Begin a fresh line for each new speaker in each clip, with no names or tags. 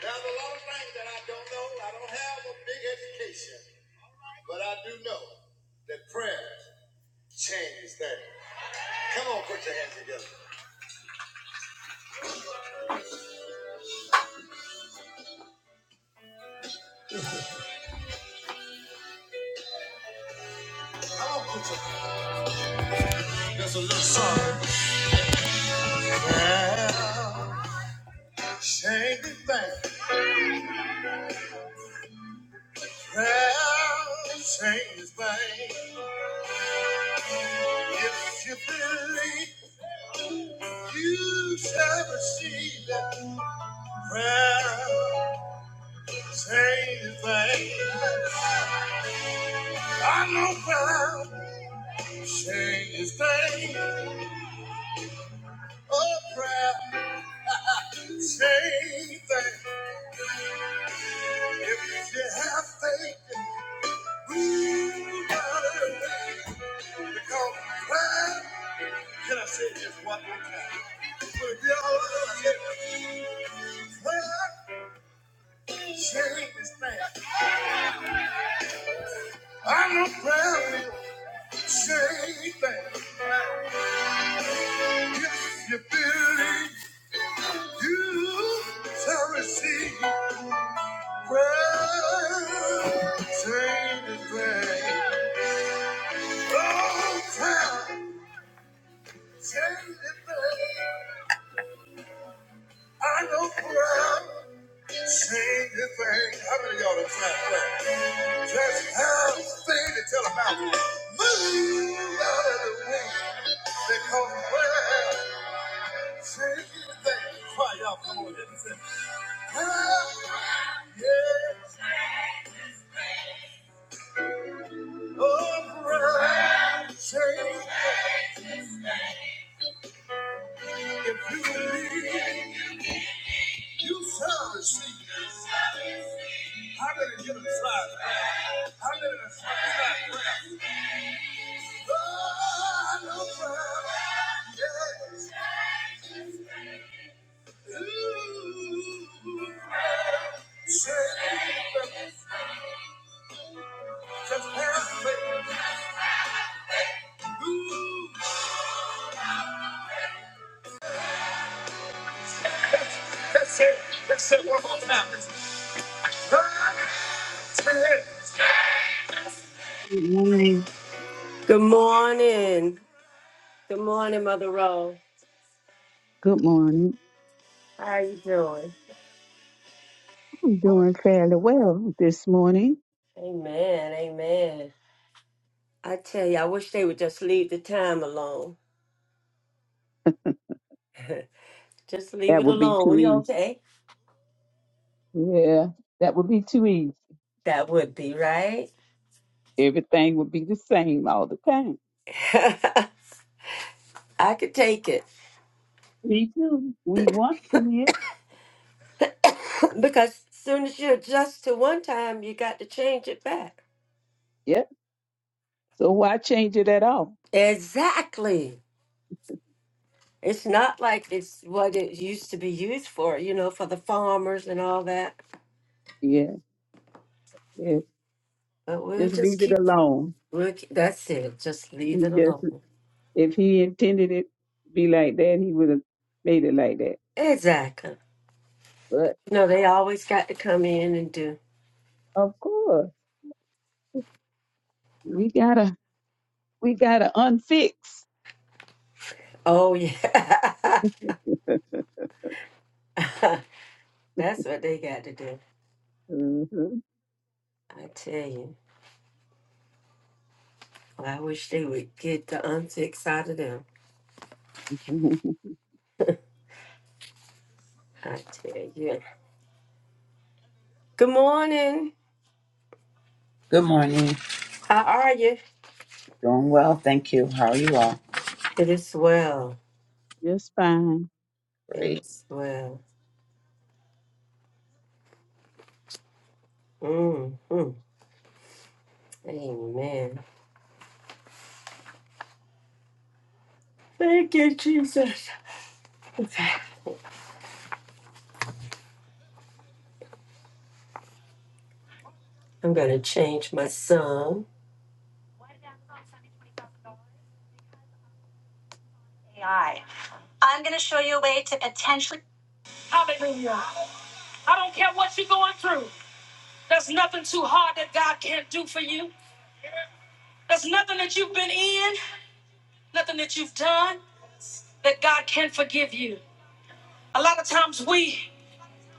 There's a lot of things that I don't know. I don't have a big education, but I do know that prayer changes things. Come on, put your hands together. Come on, put your hands. There's a little song. Prayer changes things. Prayer changes things. If you believe, you shall receive it. Prayer changes things. I know prayer. Change this thing, a prayer, change thing. If you have faith, we gotta faith. Because prayer, can I say this one more time? But if y'all are prayer, change this thing. I know prayer will change things. If you believe, you shall receive prayer, change this thing. I know proud, sing the thing. How many of y'all done tried that? Just have thing to tell about. Move out of the way. Because where sing the thing. Cry out, come on, hit and say, "Ah, yes, oh, proud, sing. If you believe, you shall receive. Oh, Yes.
Good morning.
Good morning. Good morning, Mother Roll.
Good morning.
How are you doing?
I'm doing fairly well this morning.
Amen. Amen. I tell you, I wish they would just leave the time alone. Just leave
That
it
would be
alone.
too
We
easy.
okay?
Yeah, that would be too easy.
That would be right.
Everything would be the same all the time.
I could take it
Me too. We once did.
because soon as you adjust to one time, you got to change it back.
Yep. So why change it at all?
Exactly. It's not like it's what it used to be used for, you know, for the farmers and all that.
Yeah. Yeah.
But we'll
Just
just
leave it
keep,
alone.
we'll keep that's it. Just leave
We
it
just,
alone.
if he intended it to be like that, he would have made it like that.
Exactly.
But
No, they always got to come in and do.
of course, we gotta, we gotta unfix.
Oh, yeah. that's what they got to do.
Mhm.
I tell you. Well, I wish they would get the unfix out of them. I tell you. Good morning.
Good morning.
How are you?
Doing well, thank you. How are you all?
It is well.
Just fine.
It
Great.
is well. Mm-hmm. Amen. Thank you, Jesus. Okay. I'm going to change my song. Hallelujah. I don't care what you're going through. There's nothing too hard that God can't do for you. There's nothing that you've been in, nothing that you've done that God can't forgive you. A lot of times we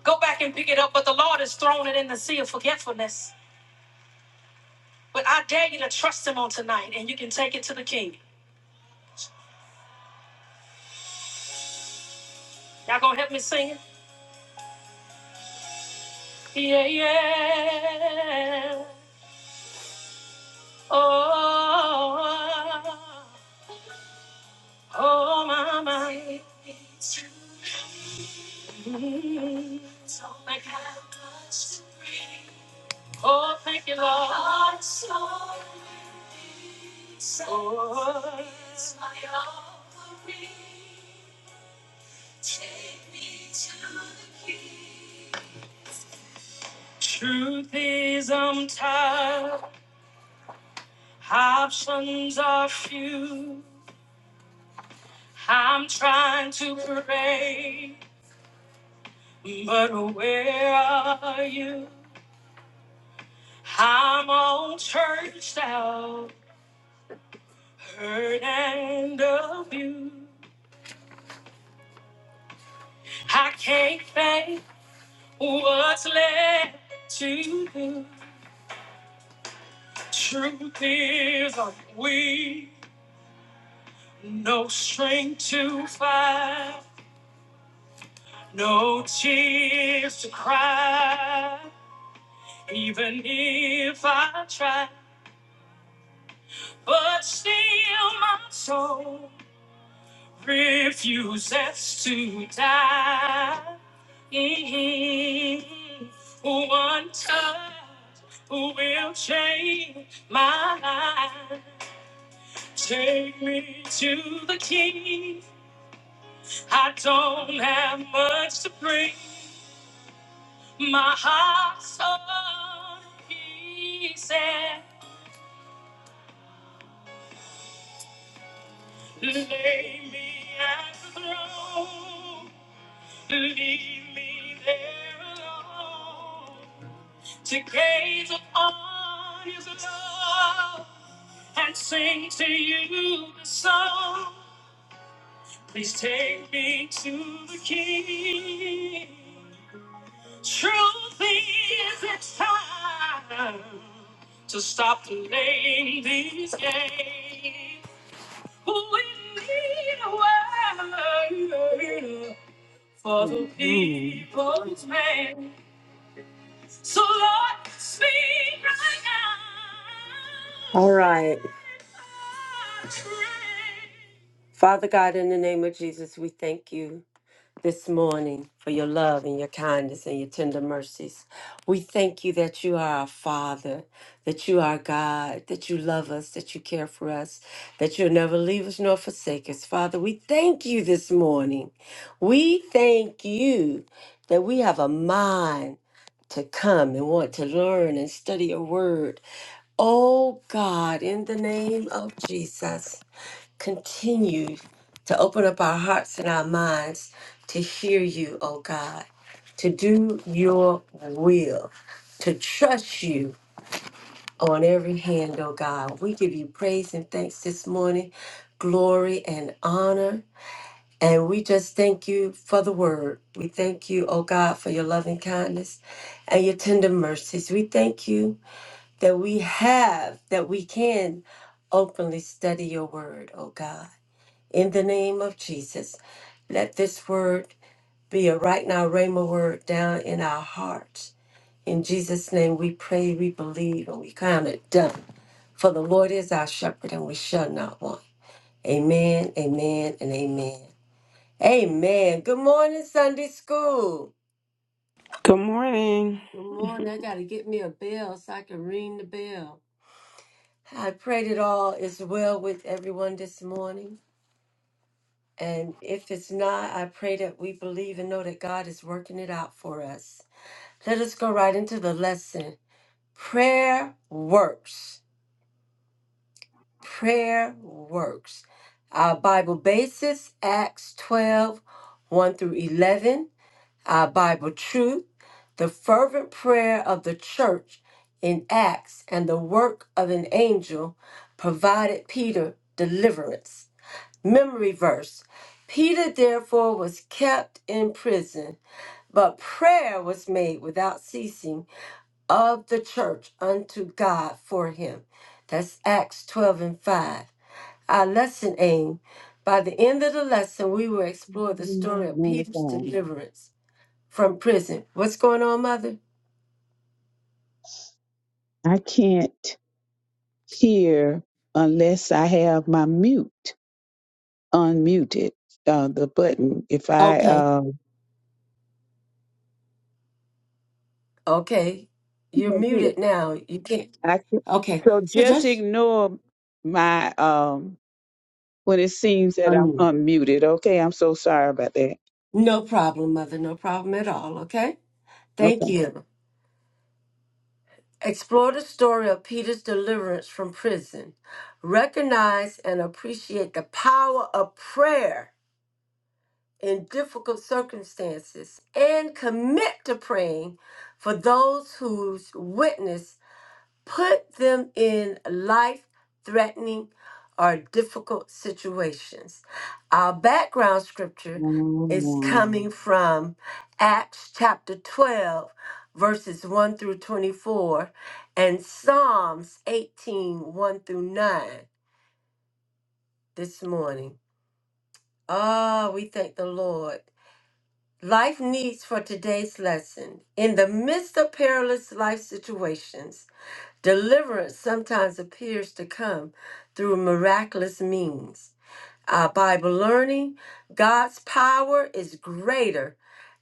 go back and pick it up, but the Lord has thrown it in the sea of forgetfulness. But I dare you to trust him on tonight and you can take it to the king. Y'all gonna help me sing it? Yeah, yeah. Oh, oh, my, my. Mm. Oh, thank you, Lord. Oh, truth is, I'm tired. Options are few. I'm trying to pray, but where are you? I'm all churched out, hurt and abused. I can't think what's left to do. Truth is, I'm weak, no strength to fight, no tears to cry. Even if I try, but still my soul refuses to die. Mhm. One touch will change my life. Take me to the king. I don't have much to bring. My heart's on pieces. Lay me at the throne. Leave me there alone. To gaze upon his love and sing to you the song. Please take me to the King. Truth is, it's time to stop playing these games. Pulling me away for the
Wrong.
people's man. So Lord, speak right now. All right. Father God, in the name of Jesus, we thank you this morning for your love and your kindness and your tender mercies. We thank you that you are our Father, that you are God, that you love us, that you care for us, that you'll never leave us nor forsake us. Father, we thank you this morning. We thank you that we have a mind to come and want to learn and study your word. Oh God, in the name of Jesus continue to open up our hearts and our minds to hear you, oh God, to do your will, to trust you on every hand, oh God. We give you praise and thanks this morning, glory and honor. And we just thank you for the word. We thank you, oh God, for your loving kindness and your tender mercies. We thank you that we have, that we can openly study your word, oh God in the name of Jesus. Let this word be a right now Rhema word down in our hearts. In Jesus' name we pray, we believe, and we count it done. For the Lord is our shepherd and we shall not want. Amen, amen, and amen. Amen. Good morning, Sunday school.
Good morning.
Good morning. I got to get me a bell so I can ring the bell. I pray that all is well with everyone this morning. And if it's not, I pray that we believe and know that God is working it out for us. Let us go right into the lesson. Prayer works. Prayer works. Our Bible basis, Acts twelve, one through 11. Our Bible truth, the fervent prayer of the church in Acts and the work of an angel provided Peter deliverance. Memory verse Peter therefore was kept in prison, but prayer was made without ceasing of the church unto God for him. That's Acts 12 and 5. Our lesson aim by the end of the lesson, we will explore the
Please,
story of
man of
Peter's
God.
deliverance from prison. What's going on, Mother?
I can't hear unless I have my mute unmuted, uh, the button. If I,
Okay,
uh,
Okay, you're
Can't hear.
muted now. You can't.
I can-
okay.
so
So
just
just
ignore my, um, when it seems that I'm
unmute.
unmuted. Okay. I'm so sorry about that.
No problem, Mother. No problem at all. Okay. Thank
Okay.
you. Explore the story of Peter's deliverance from prison. Recognize and appreciate the power of prayer in difficult circumstances and commit to praying for those whose witness put them in life threatening or difficult situations. Our background scripture is
Mm.
coming from Acts chapter 12, verses 1 through 24, and Psalms eighteen one through 9 this morning. Ah, we thank the Lord. Life needs for today's lesson. In the midst of perilous life situations, Deliverance sometimes appears to come through miraculous means. Our Bible learning, God's power is greater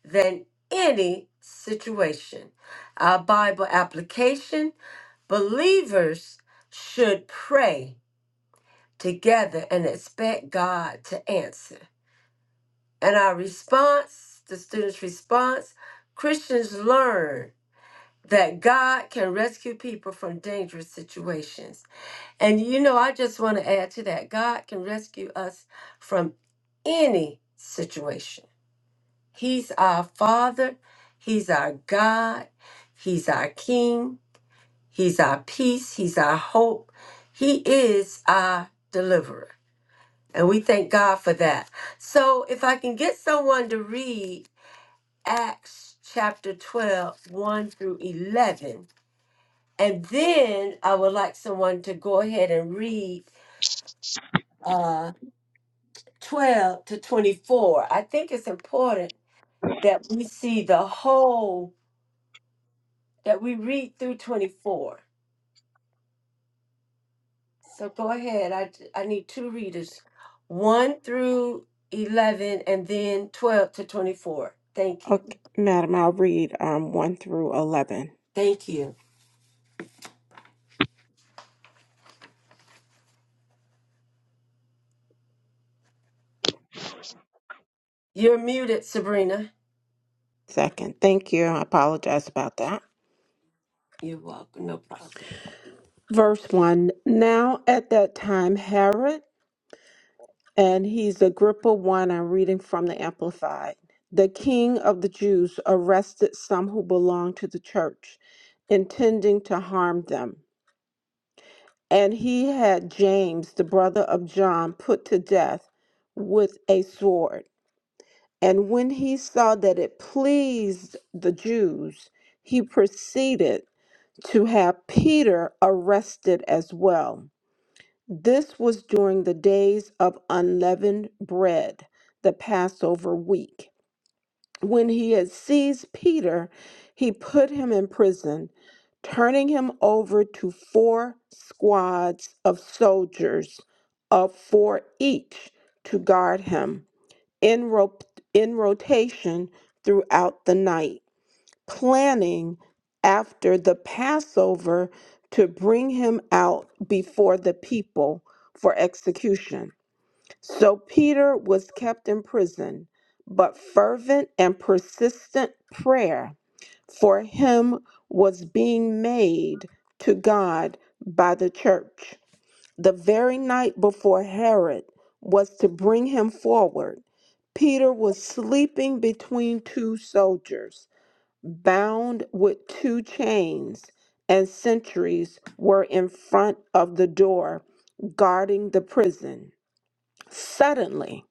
than any situation. Our Bible application, believers should pray together and expect God to answer. And our response, the students' response, Christians learn that God can rescue people from dangerous situations. And you know, I just want to add to that God can rescue us from any situation. He's our Father, He's our God, He's our King, He's our peace, He's our hope, He is our deliverer. And we thank God for that. So if I can get someone to read Acts chapter twelve, one through 11, and then I would like someone to go ahead and read uh, 12 to 24. I think it's important that we see the whole, that we read through 24. So go ahead. I, I need two readers, 1 through 11, and then 12 to 24. Thank you. Thank you. You're muted, Sabrina.
Second, thank you. I apologize about that.
You're welcome. No problem.
Verse 1 Now at that time, Herod, and he's Agrippa 1, I'm reading from the Amplified, the king of the Jews arrested some who belonged to the church, intending to harm them. And he had James, the brother of John, put to death with a sword. And when he saw that it pleased the Jews, he proceeded to have Peter arrested as well. This was during the days of unleavened bread, the Passover week. When he had seized Peter, he put him in prison, turning him over to four squads of soldiers, of four each, to guard him in, ro- in rotation throughout the night planning after the Passover to bring him out before the people for execution. So Peter was kept in prison, but fervent and persistent prayer for him was being made to God by the church. The very night before Herod was to bring him forward, Peter was sleeping between two soldiers bound with two chains, and sentries were in front of the door guarding the prison. Suddenly,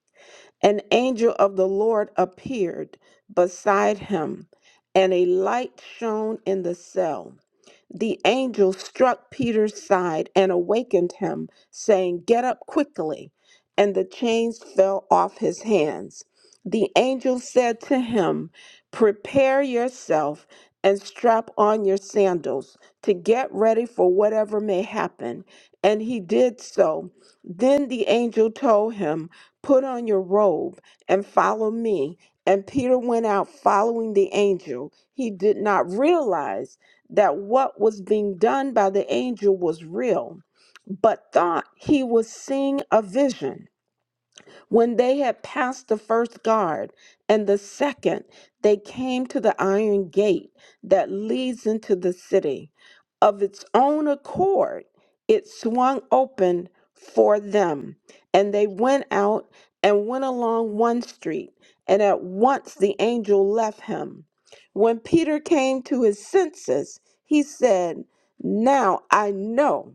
an angel of the Lord appeared beside him, and a light shone in the cell. The angel struck Peter's side and awakened him, saying, Get up quickly. And the chains fell off his hands. The angel said to him, Prepare yourself and strap on your sandals to get ready for whatever may happen. And he did so. Then the angel told him, Put on your robe and follow me. And Peter went out following the angel. He did not realize that what was being done by the angel was real, but thought he was seeing a vision. When they had passed the first guard and the second, they came to the iron gate that leads into the city. Of its own accord, it swung open for them, and they went out and went along one street, and at once the angel left him. When Peter came to his senses, he said, Now I know.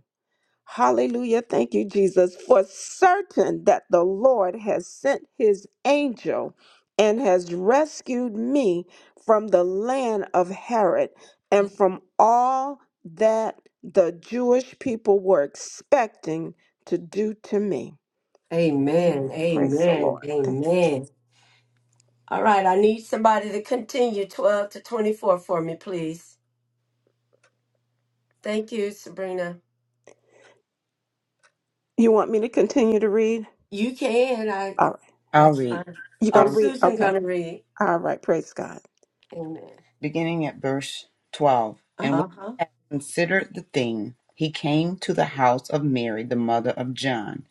Hallelujah. Thank you, Jesus. For certain that the Lord has sent his angel and has rescued me from the land of Herod and from all that the Jewish people were expecting to do to me.
Amen.
Amen. Praise the
Amen.
Lord. Thank you, Jesus.
Amen. All right, I need somebody to continue 12 to 24 for me, please. Thank you, Sabrina.
You want me to continue to read?
You can. I
All right.
I'll
that's
read.
fine.
You're
Oh,
going
I'll
to
read.
read?
Susan
Okay.
gonna read.
All right. Praise God.
Amen.
Beginning at verse 12. And when
Uh-huh.
he had considered the thing, he came to the house of Mary, the mother of John,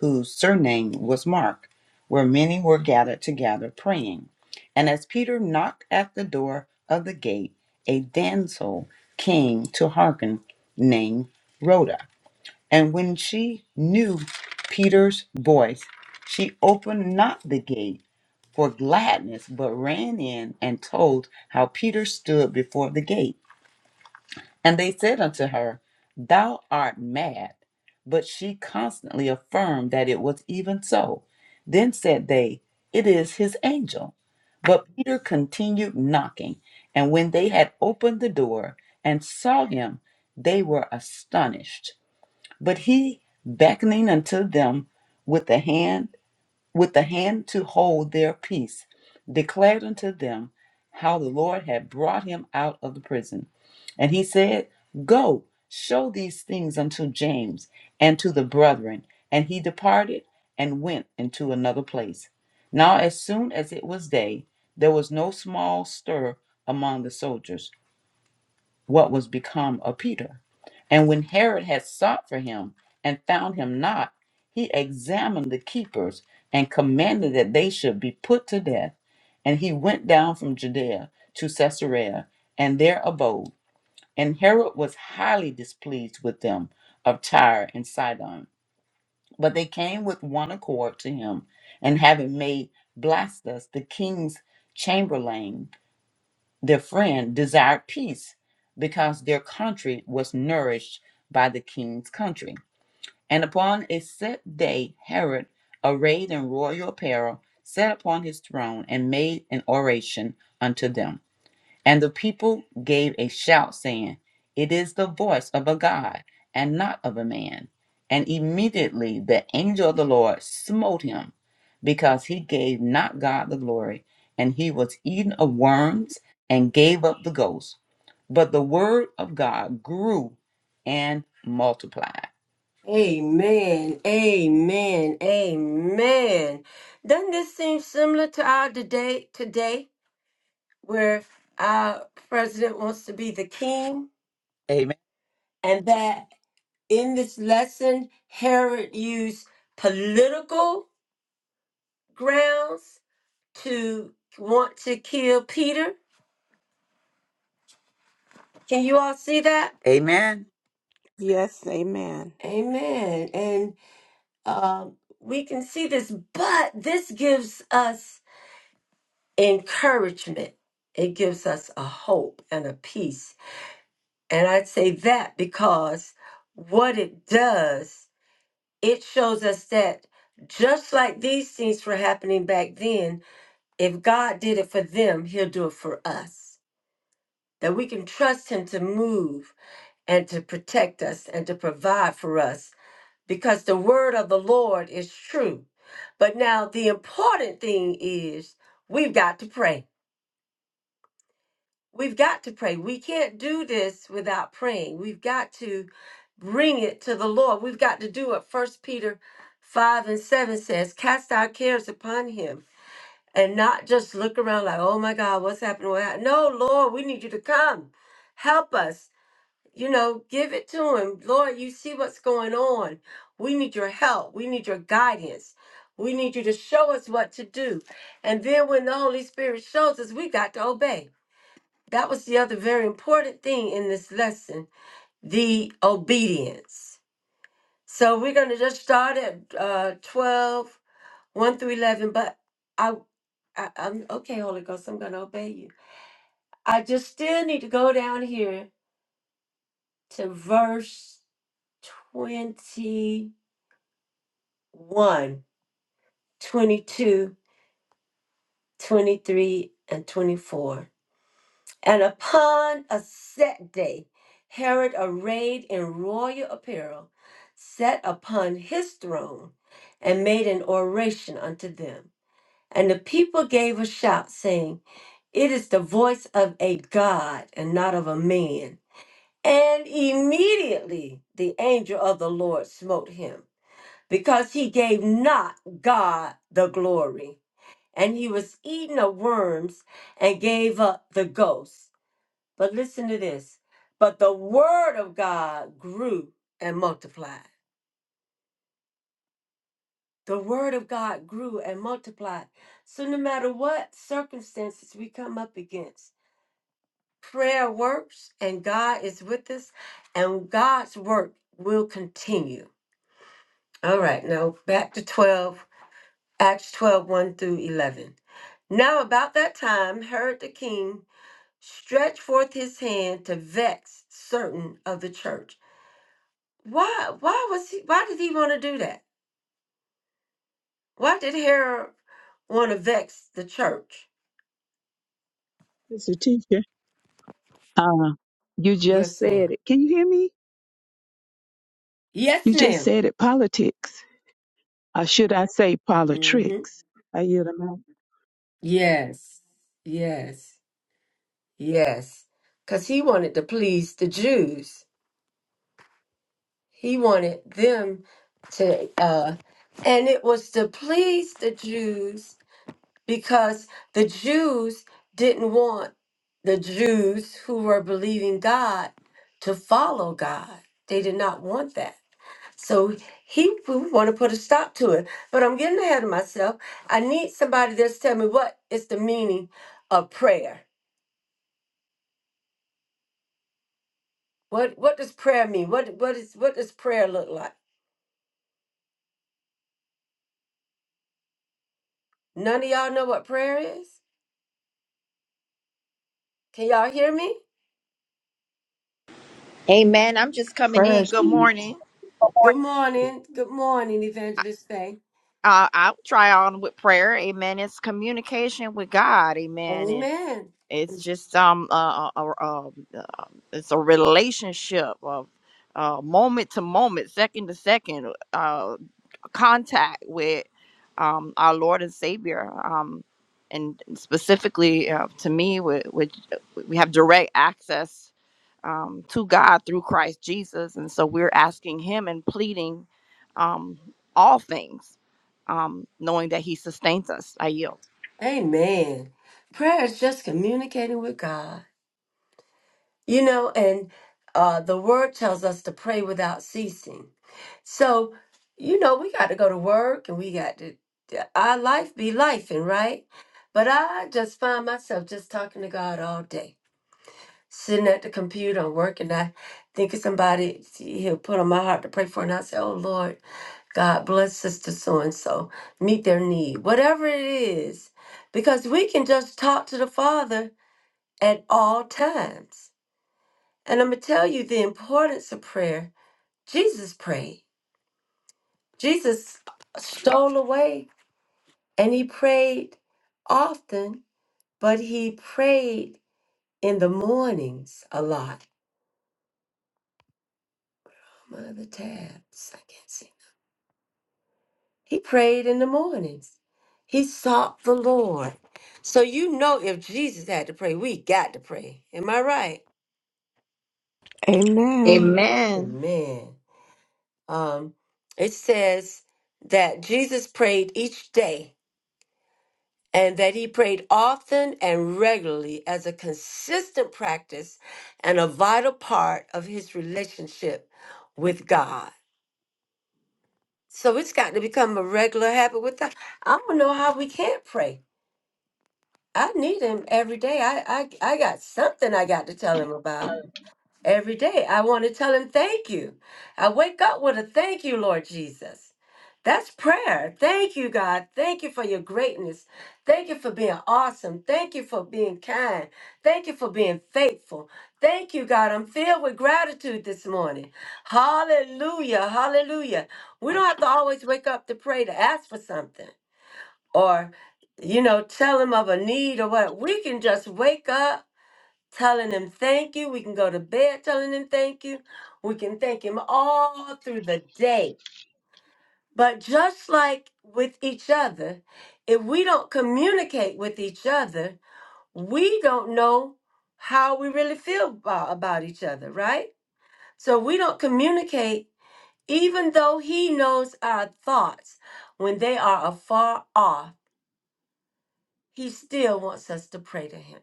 whose surname was Mark, where many were gathered together praying. And as Peter knocked at the door of the gate, a damsel came to hearken, named Rhoda And when she knew Peter's voice, she opened not the gate for gladness, but ran in and told how Peter stood before the gate. And they said unto her, Thou art mad. But she constantly affirmed that it was even so. Then said they, It is his angel. But Peter continued knocking. And when they had opened the door and saw him, they were astonished. But he, beckoning unto them with the hand, with the hand to hold their peace, declared unto them how the Lord had brought him out of the prison. And he said, Go, show these things unto James and to the brethren. And he departed and went into another place. Now, as soon as it was day, there was no small stir among the soldiers what was become of Peter. And when Herod had sought for him and found him not, he examined the keepers and commanded that they should be put to death. And he went down from Judea to Caesarea and there abode. And Herod was highly displeased with them of Tyre and Sidon. But they came with one accord to him, and having made Blastus the king's chamberlain, their friend desired peace because their country was nourished by the king's country. And upon a set day, Herod, arrayed in royal apparel, sat upon his throne and made an oration unto them. And the people gave a shout, saying, It is the voice of a God, and not of a man. And immediately the angel of the Lord smote him, because he gave not God the glory, and he was eaten of worms, and gave up the ghost. But the word of God grew and multiplied.
Amen. Amen. Amen. Doesn't this seem similar to our today today where our president wants to be the king?
Amen.
And that in this lesson, Herod used political grounds to want to kill Peter. Can you all see that?
Amen.
Yes. Amen.
Amen. And um, we can see this, but this gives us encouragement. It gives us a hope and a peace. And I'd say that because what it does, it shows us that just like these things were happening back then, if God did it for them, He'll do it for us. that we can trust Him to move and to protect us and to provide for us because the word of the Lord is true. But now the important thing is we've got to pray. We've got to pray. We can't do this without praying. We've got to bring it to the Lord. We've got to do what First Peter 5 and 7 says cast our cares upon Him and not just look around like, oh my God, what's happening? What happened? No, Lord, we need you to come. Help us You know, give it to him. Lord, you see what's going on. We need your help. We need your guidance. We need you to show us what to do. And then when the Holy Spirit shows us, we got to obey. That was the other very important thing in this lesson the obedience. So we're going to just start at uh, 12, one through 11. But I, I, I'm okay, Holy Ghost, I'm going to obey you. I just still need to go down here to verse 20. One, 22, 23, and 24. And upon a set day, Herod, arrayed in royal apparel, sat upon his throne and made an oration unto them. And the people gave a shout, saying, It is the voice of a God and not of a man. And immediately the angel of the Lord smote him, because he gave not God the glory and he was eaten of worms and gave up the ghost. But listen to this. But the word of God grew and multiplied. The word of God grew and multiplied. So no matter what circumstances we come up against, prayer works and God is with us and God's work will continue. All right, now back to 12, Acts twelve one through 11. Now about that time, Herod the king stretched forth his hand to vex certain of the church. Why why was he why did he want to do that? Why did Herod want to vex the church?
Mr. Teacher, uh, you just
Yes,
said
ma'am.
it. Can you hear me?
Yes,
You just
madam
said it. Politics. Or should I say
Mm-hmm.
politrics? I yield a mic.
Yes. Yes. Yes. Cause he wanted to please the Jews. He wanted them to uh and it was to please the Jews because the Jews didn't want the Jews who were believing God to follow God. They did not want that. So he would want to put a stop to it. But I'm getting ahead of myself. I need somebody that's tell me what is the meaning of prayer. What what does prayer mean? What what is what does prayer look like? None of y'all know what prayer is? Can y'all hear me?
Amen. I'm just coming in.
prayers.
Good
Amen.
morning.
morning,
Good morning. Good morning,
I,
Evangelist Faye.
I- I'll try on with prayer. Amen. It's communication with God. Amen. It's
Amen.
it's just um uh, uh, uh, uh it's a relationship of uh moment to moment, second to second, uh contact with um our Lord and Savior. Um, and specifically uh, to me, with with we have direct access um, to God through Christ Jesus. And so we're asking Him and pleading um, all things, um, knowing that He sustains us. I yield.
Amen. Prayer is just communicating with God. You know, and uh, the word tells us to pray without ceasing. So, you know, we got to go to work and we got to, uh, our life be life, and right? But I just find myself just talking to God all day, sitting at the computer and working. I think of somebody he'll put on my heart to pray for, and I say, Oh Lord, God bless sister so and so, meet their need, whatever it is, because we can just talk to the Father at all times. And I'm going to tell you the importance of prayer. Jesus prayed, Jesus stole away and he prayed often, but he prayed in the mornings a lot. Mother tabs, I can't see. He prayed in the mornings. He sought the Lord. So you know if Jesus had to pray, we got to pray. Am I right?
Amen.
Amen.
Amen. Um, it says that Jesus prayed each day and that he prayed often and regularly as a consistent practice and a vital part of his relationship with God. So it's got to become a regular habit with us. I don't know how we can't pray. I need him every day. I, I I got something I got to tell him about every day. I want to tell him thank you. I wake up with a thank you, Lord Jesus. That's prayer. Thank you, God. Thank you for your greatness. Thank you for being awesome. Thank you for being kind. Thank you for being faithful. Thank you, God. I'm filled with gratitude this morning. Hallelujah. Hallelujah. We don't have to always wake up to pray to ask for something or you know tell him of a need or what we can just wake up telling him thank you we can go to bed telling him thank you we can thank him all through the day but just like with each other if we don't communicate with each other we don't know how we really feel about, about each other right so we don't communicate even though he knows our thoughts when they are afar off he still wants us to pray to him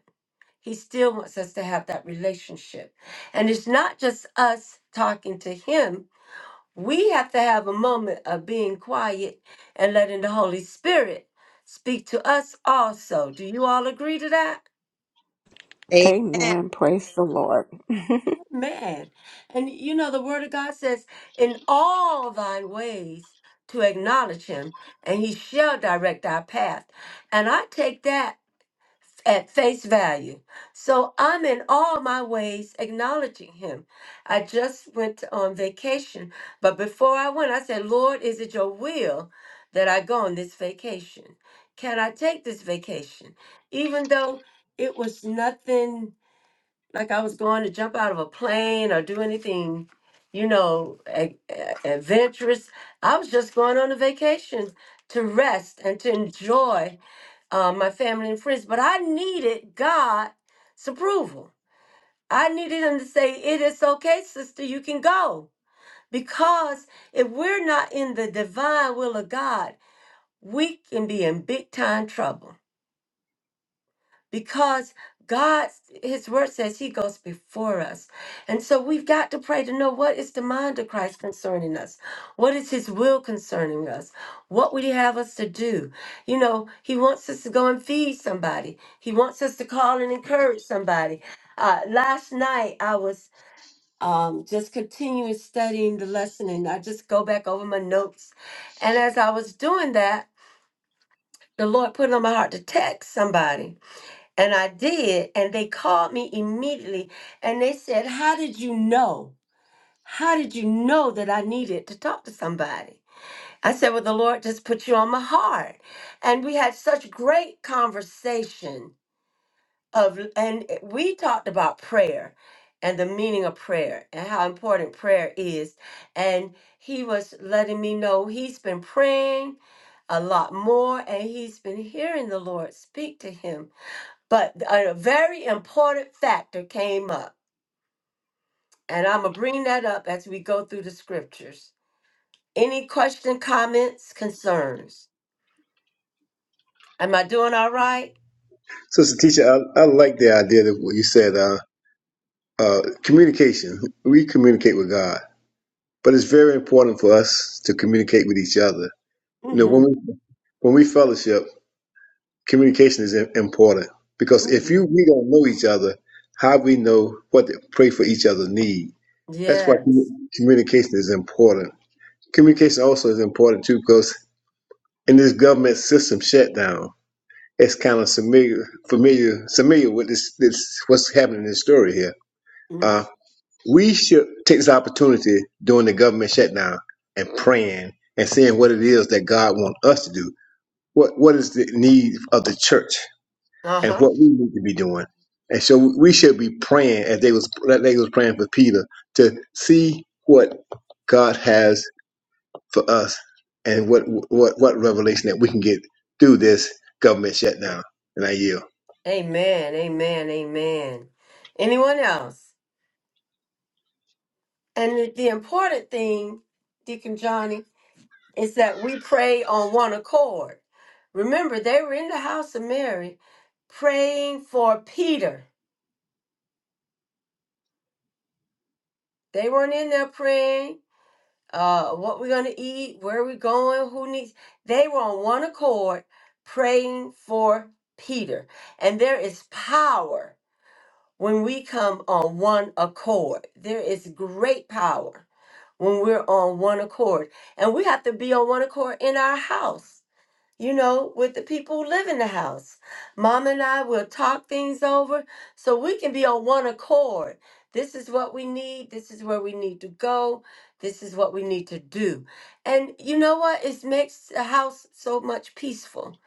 He still wants us to have that relationship. And it's not just us talking to Him. We have to have a moment of being quiet and letting the Holy Spirit speak to us also. Do you all agree to that?
Amen. Praise the Lord.
Man. And you know, the Word of God says, In all thy ways to acknowledge Him, and He shall direct our path. And I take that. at face value. So I'm in all my ways acknowledging him. I just went on vacation, but before I went, I said, Lord, is it your will that I go on this vacation? Can I take this vacation? Even though it was nothing like I was going to jump out of a plane or do anything, you know, a- a- adventurous. I was just going on a vacation to rest and to enjoy uh, my family and friends, but I needed God's approval. I needed Him to say, It is okay, sister, you can go. Because if we're not in the divine will of God, we can be in big time trouble because God, His word says He goes before us. And so we've got to pray to know what is the mind of Christ concerning us? What is His will concerning us? What would He have us to do? You know, He wants us to go and feed somebody, He wants us to call and encourage somebody. Uh, last night, I was um, just continuing studying the lesson, and I just go back over my notes. And as I was doing that, the Lord put it on my heart to text somebody. And I did. And they called me immediately and they said, How did you know? How did you know that I needed to talk to somebody? I said, Well, the Lord just put you on my heart. And we had such great conversation of and we talked about prayer and the meaning of prayer and how important prayer is. And he was letting me know he's been praying a lot more and he's been hearing the Lord speak to him but a very important factor came up, and I'm going to bring that up as we go through the scriptures. Any question, comments, concerns? Am I doing all right?
Sister Teacher, I, I like the idea that what you said, uh, uh, communication. We communicate with God, but it's very important for us to communicate with each other. You know, when
Mm-hmm.
we when we fellowship, communication is im- important because if
Mm-hmm.
you we don't know each other, how we know what to pray for each other need? That's why commu-
Yes.
communication is important. Communication also is important too because in this government system shutdown, it's kind of familiar familiar familiar with this this what's happening in this story here
Mm-hmm.
Uh, we should take this opportunity during the government shutdown and praying and seeing what it is that God wants us to do. What what is the need of the church and
Uh-huh.
what we need to be doing? And so we should be praying as they was like they was praying for Peter to see what God has for us and what what what revelation that we can get through this government shutdown. And I yield.
Amen. Amen. Amen. Anyone else? And the, the important thing, Deacon Johnny, is that we pray on one accord. Remember, they were in the house of Mary praying for Peter They weren't in there praying, uh, what we're going to eat, where we going, who needs. They were on one accord praying for Peter. And there is power when we come on one accord. There is great power when we're on one accord. And we have to be on one accord in our house you know, with the people who live in the house. Mom and I will talk things over so we can be on one accord. This is what we need. This is where we need to go. This is what we need to do. And you know what? It makes the house so much peaceful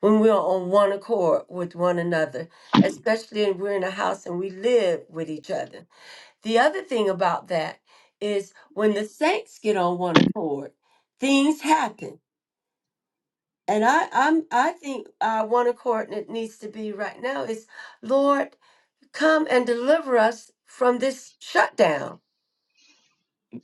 when we're on one accord with one another, especially if we're in a house and we live with each other. The other thing about that is when the saints get on one accord, things happen and I, I'm, I think uh, one accord that needs to be right now is, Lord, come and deliver us from this shutdown.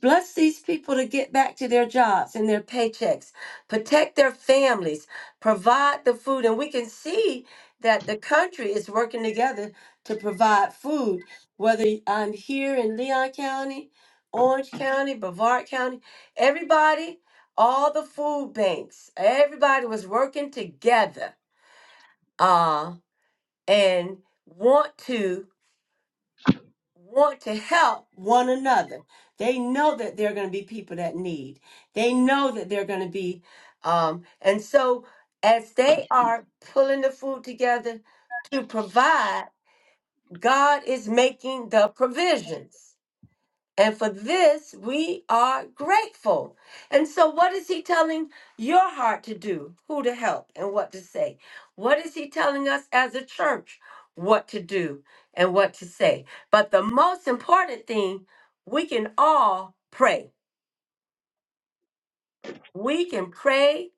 Bless these people to get back to their jobs and their paychecks. Protect their families. Provide the food, and we can see that the country is working together to provide food. Whether I'm here in Leon County, Orange County, Brevard County, everybody, all the food banks, everybody was working together uh, and want to want to help one another. They know that there are going to be people that need. They know that they're going to be, um, and so as they are pulling the food together to provide, God is making the provisions. And for this, we are grateful. And so, what is he telling your heart to do? Who to help and what to say? What is he telling us as a church? What to do and what to say? But the most important thing, we can all pray. We can pray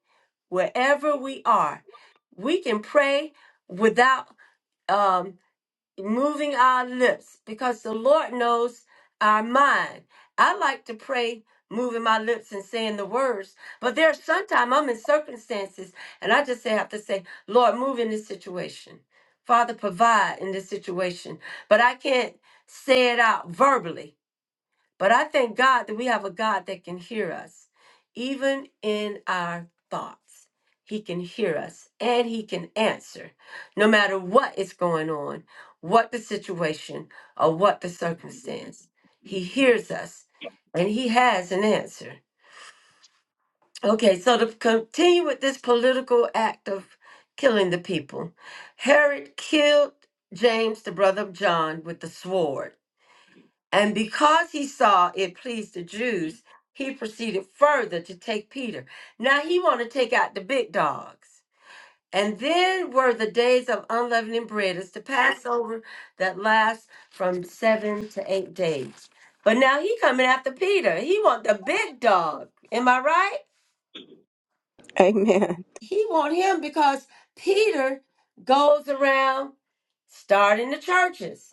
wherever we are. We can pray without um, moving our lips because the Lord knows our mind. I like to pray moving my lips and saying the words, but there are sometimes I'm in circumstances and I just say- have to say, Lord, move in this situation. Father, provide in this situation. But I can't say it out verbally. But I thank God that we have a God that can hear us, even in our thoughts. He can hear us and he can answer no matter what is going on, what the situation or what the circumstance. He hears us and he has an answer. Okay, so to continue with this political act of killing the people, Herod killed James, the brother of John, with the sword and because he saw it pleased the Jews, he proceeded further to take Peter. Now he want to take out the big dogs. And then were the days of unleavened bread. It's the Passover that lasts from seven to eight days. But now he coming after Peter. He want the big dog. Am I right?
Amen.
He want him because Peter goes around starting the churches.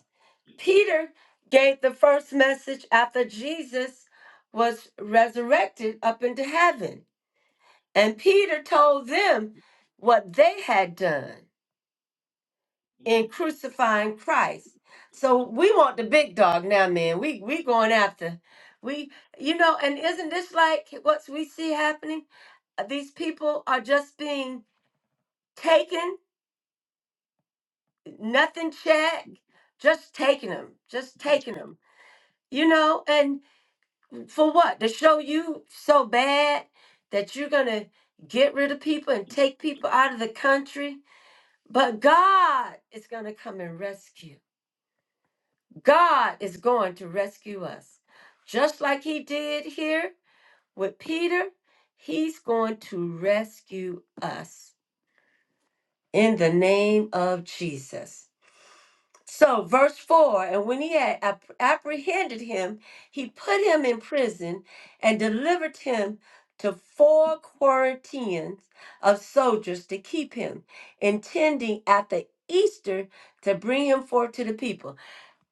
Peter gave the first message after Jesus was resurrected up into heaven. And Peter told them what they had done in crucifying Christ. So we want the big dog now, man. We we going after we you know, and isn't this like what we see happening? Uh, These people are just being taken, nothing checked, just taking them, just taking them. You know, and For what? To show you so bad that you're going to get rid of people and take people out of the country? But God is going to come and rescue. God is going to rescue us. Just like he did here with Peter, he's going to rescue us in the name of Jesus. So, verse 4 And when he had ap- apprehended him, he put him in prison and delivered him to four quarantines of soldiers to keep him, intending after Easter to bring him forth to the people.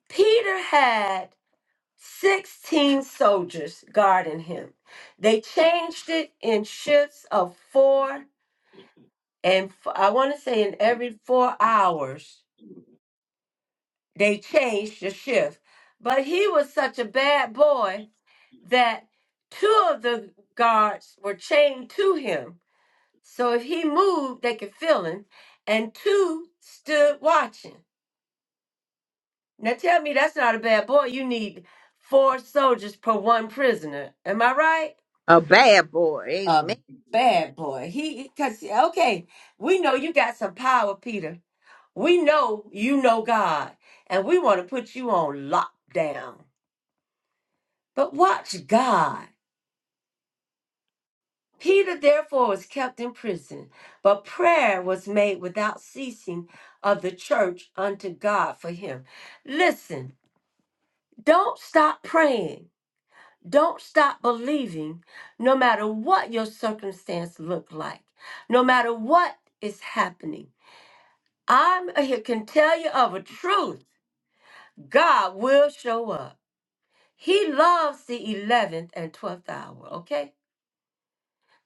Peter had 16 soldiers guarding him. They changed it in shifts of four, and f- I want to say in every four hours They changed the shift. But he was such a bad boy that two of the guards were chained to him. So if he moved, they could feel him. And two stood watching. Now tell me that's not a bad boy. You need four soldiers per one prisoner. Am I right?
A bad boy.
A bad boy. He, because, okay, we know you got some power, Peter. We know you know God. And we want to put you on lockdown. But watch God. Peter therefore was kept in prison, but prayer was made without ceasing of the church unto God for him. Listen, don't stop praying. Don't stop believing no matter what your circumstance look like. No matter what is happening. I'm here can tell you of a truth. God will show up. He loves the 11th and 12th hour, okay?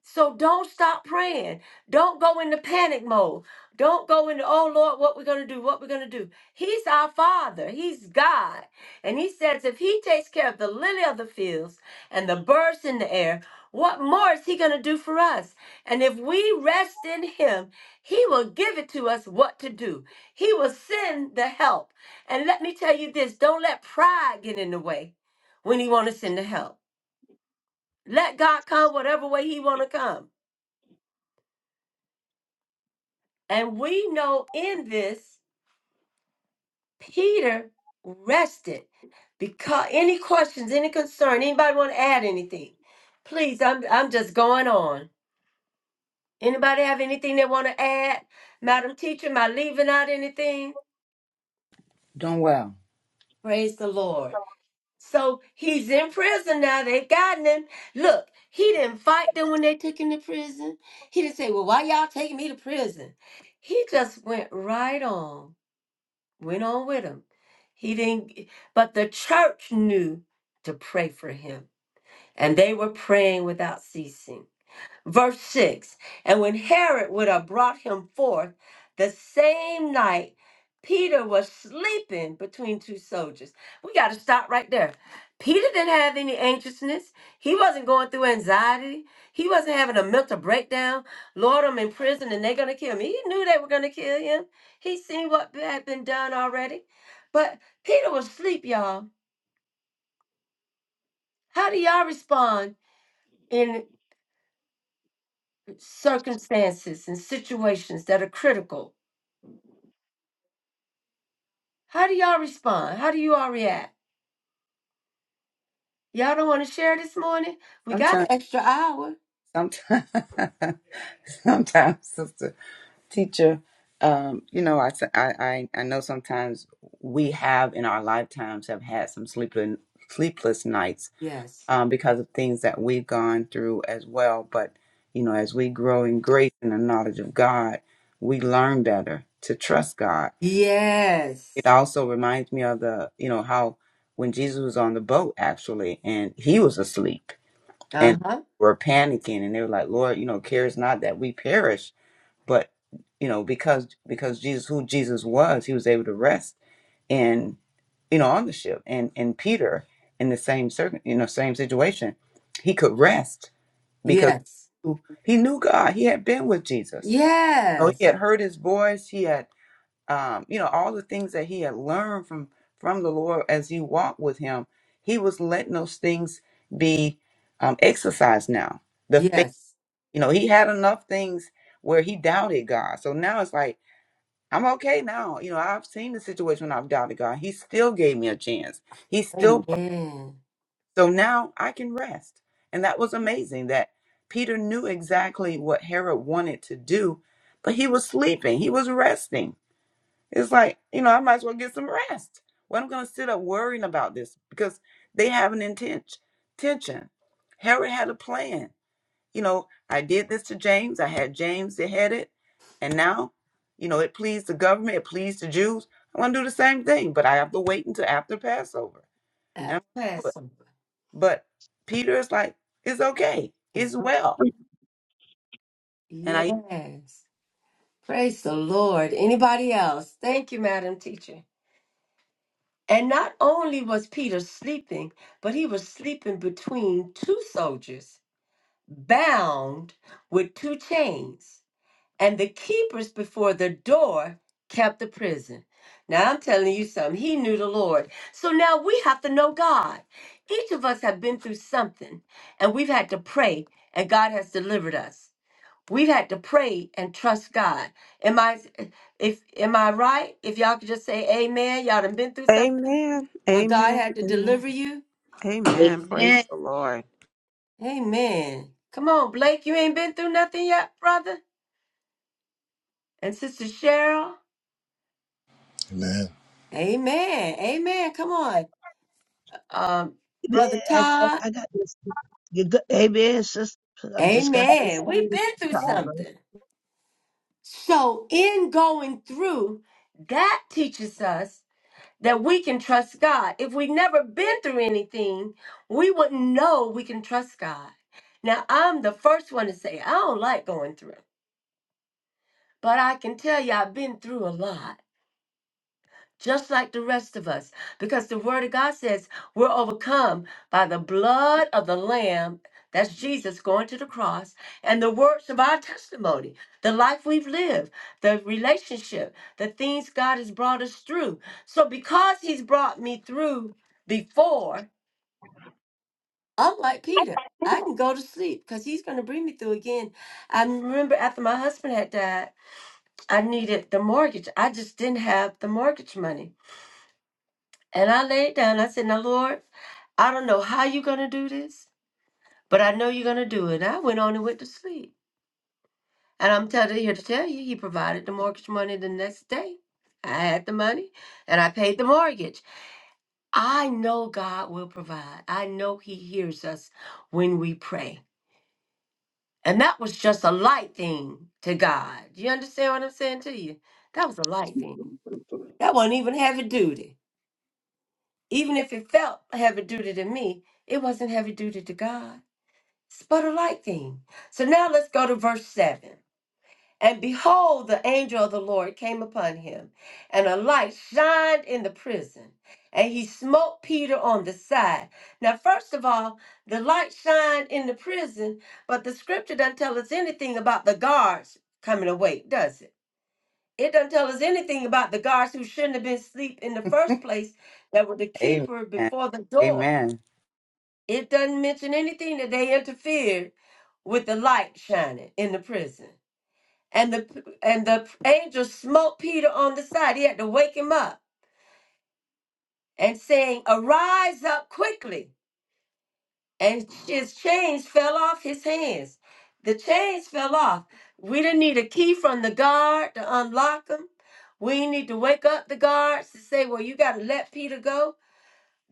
So don't stop praying. Don't go into panic mode. Don't go into, oh Lord, what we're going to do, what we're going to do. He's our Father. He's God. And He says, if He takes care of the lily of the fields and the birds in the air, what more is He going to do for us? And if we rest in Him, He will give it to us what to do. He will send the help. And let me tell you this don't let pride get in the way when He want to send the help. Let God come whatever way He want to come. And we know in this, Peter rested. Because any questions, any concern, anybody want to add anything? Please, I'm I'm just going on. Anybody have anything they want to add? Madam Teacher, am I leaving out anything?
Doing well.
Praise the Lord. So he's in prison now. They've gotten him. Look, he didn't fight them when they took him to prison. He didn't say, Well, why y'all taking me to prison? He just went right on went on with him. He didn't, but the church knew to pray for him. And they were praying without ceasing. Verse 6 And when Herod would have brought him forth the same night, Peter was sleeping between two soldiers. We got to stop right there. Peter didn't have any anxiousness. He wasn't going through anxiety. He wasn't having a mental breakdown. Lord, I'm in prison and they're going to kill me. He knew they were going to kill him. He seen what had been done already. But Peter was asleep, y'all. How do y'all respond in circumstances and situations that are critical? How do y'all respond? How do you all react? Y'all don't want to share this morning? We got
Sometimes,
it.
sometimes, sometimes, sister. teacher um you know I I I I know sometimes we have in our lifetimes have had some sleepless sleepless nights um because of things that we've gone through as well but you know as we grow in grace and the knowledge of god we learn better to trust god it
Yes.
also reminds me of the you know how when jesus was on the boat actually and he was asleep
Uh
and
huh.
were panicking and they were like lord you know cares not that we perish but you know, because because Jesus, who Jesus was, he was able to rest in you know on the ship, and and Peter in the same circum, you know, same situation, he could rest because
Yes.
he knew God. He had been with Jesus. So he
Yes.
had heard his voice. He had um, you know all the things that he had learned from from the Lord as he walked with him. He was letting those things be um, exercised now. The faith.
Yes.
You know, he had enough things where he doubted God. So now it's like, I'm okay now. You know, I've seen the situation when I've doubted God. He still gave me a chance. He still brought.
Amen.
So now I can rest. And that was amazing that Peter knew exactly what Herod wanted to do, but he was sleeping. He was resting. It's like, you know, I might as well get some rest. Why am i going to sit up worrying about this because they have an intention. Herod had a plan you know, I did this to James. I had James that had it. And now, you know, it pleased the government, it pleased the Jews. I want to do the same thing, but I have to wait until after Passover. And
After
I'm going to do it.
Passover.
But Peter is like, it's okay.
It's
It's
okay.
well. And I,
Yes. Praise the Lord. Anybody else? Thank you, Madam Teacher. And not only was Peter sleeping, but he was sleeping between two soldiers, bound with two chains. and the keepers before the door kept the prison. Now I'm telling you something. He knew the Lord. So now we have to know God. Each of us have been through something and we've had to pray and God has delivered us. We've had to pray and trust God. Am I if am I right? If y'all could just say amen, y'all done been through something
Amen.
where God
Amen.
had to
Amen.
deliver you.
Amen.
Amen.
Praise the Lord.
Amen. Come on, Blake, you ain't been through nothing yet, brother? And Sister Cheryl.
Amen.
Amen. Amen. Come on. um, Brother Todd.
I got this. You good? Amen, sister. I'm just got this
Amen. We've
sinus
been through
problem.
something. So, in going through, that teaches us that we can trust God. If we've never been through anything, we wouldn't know we can trust God. Now, I'm the first one to say, I don't like going through, but I can tell you I've been through a lot. just like the rest of us, because the Word of God says we're overcome by the blood of the Lamb. That's Jesus going to the cross and the words of our testimony, the life we've lived, the relationship, the things God has brought us through. So, because He's brought me through before, I'm like Peter. I can go to sleep because he's going to bring me through again. I remember after my husband had died, I needed the mortgage. I just didn't have the mortgage money. And I laid down. I said, Now, Lord, I don't know how you're going to do this, but I know you're going to do it. I went on and went to sleep. And I'm tell- here to tell you, he provided the mortgage money the next day. I had the money and I paid the mortgage. I know God will provide. I know he hears us when we pray. And that was just a light thing to God. You understand what I'm saying to you? That was a light
Thank
thing. That wasn't even heavy duty. Even if it felt heavy duty to me, it wasn't heavy duty to God. but a light thing. So now let's go to verse 7. And behold, the angel of the Lord came upon him, and a light shined in the prison, and he smote Peter on the side. Now, first of all, the light shined in the prison, but the scripture doesn't tell us anything about the guards coming awake, does it? It doesn't tell us anything about the guards who shouldn't have been asleep in the first place that were the
amen.
keeper before the door.
Amen.
It doesn't mention anything that they interfered with the light shining in the prison. And the and the angel smote Peter on the side. He had to wake him up and saying, "Arise up quickly." And his chains fell off his hands. The chains fell off. We didn't need a key from the guard to unlock them. We didn't need to wake up the guards to say, "Well, you got to let Peter go."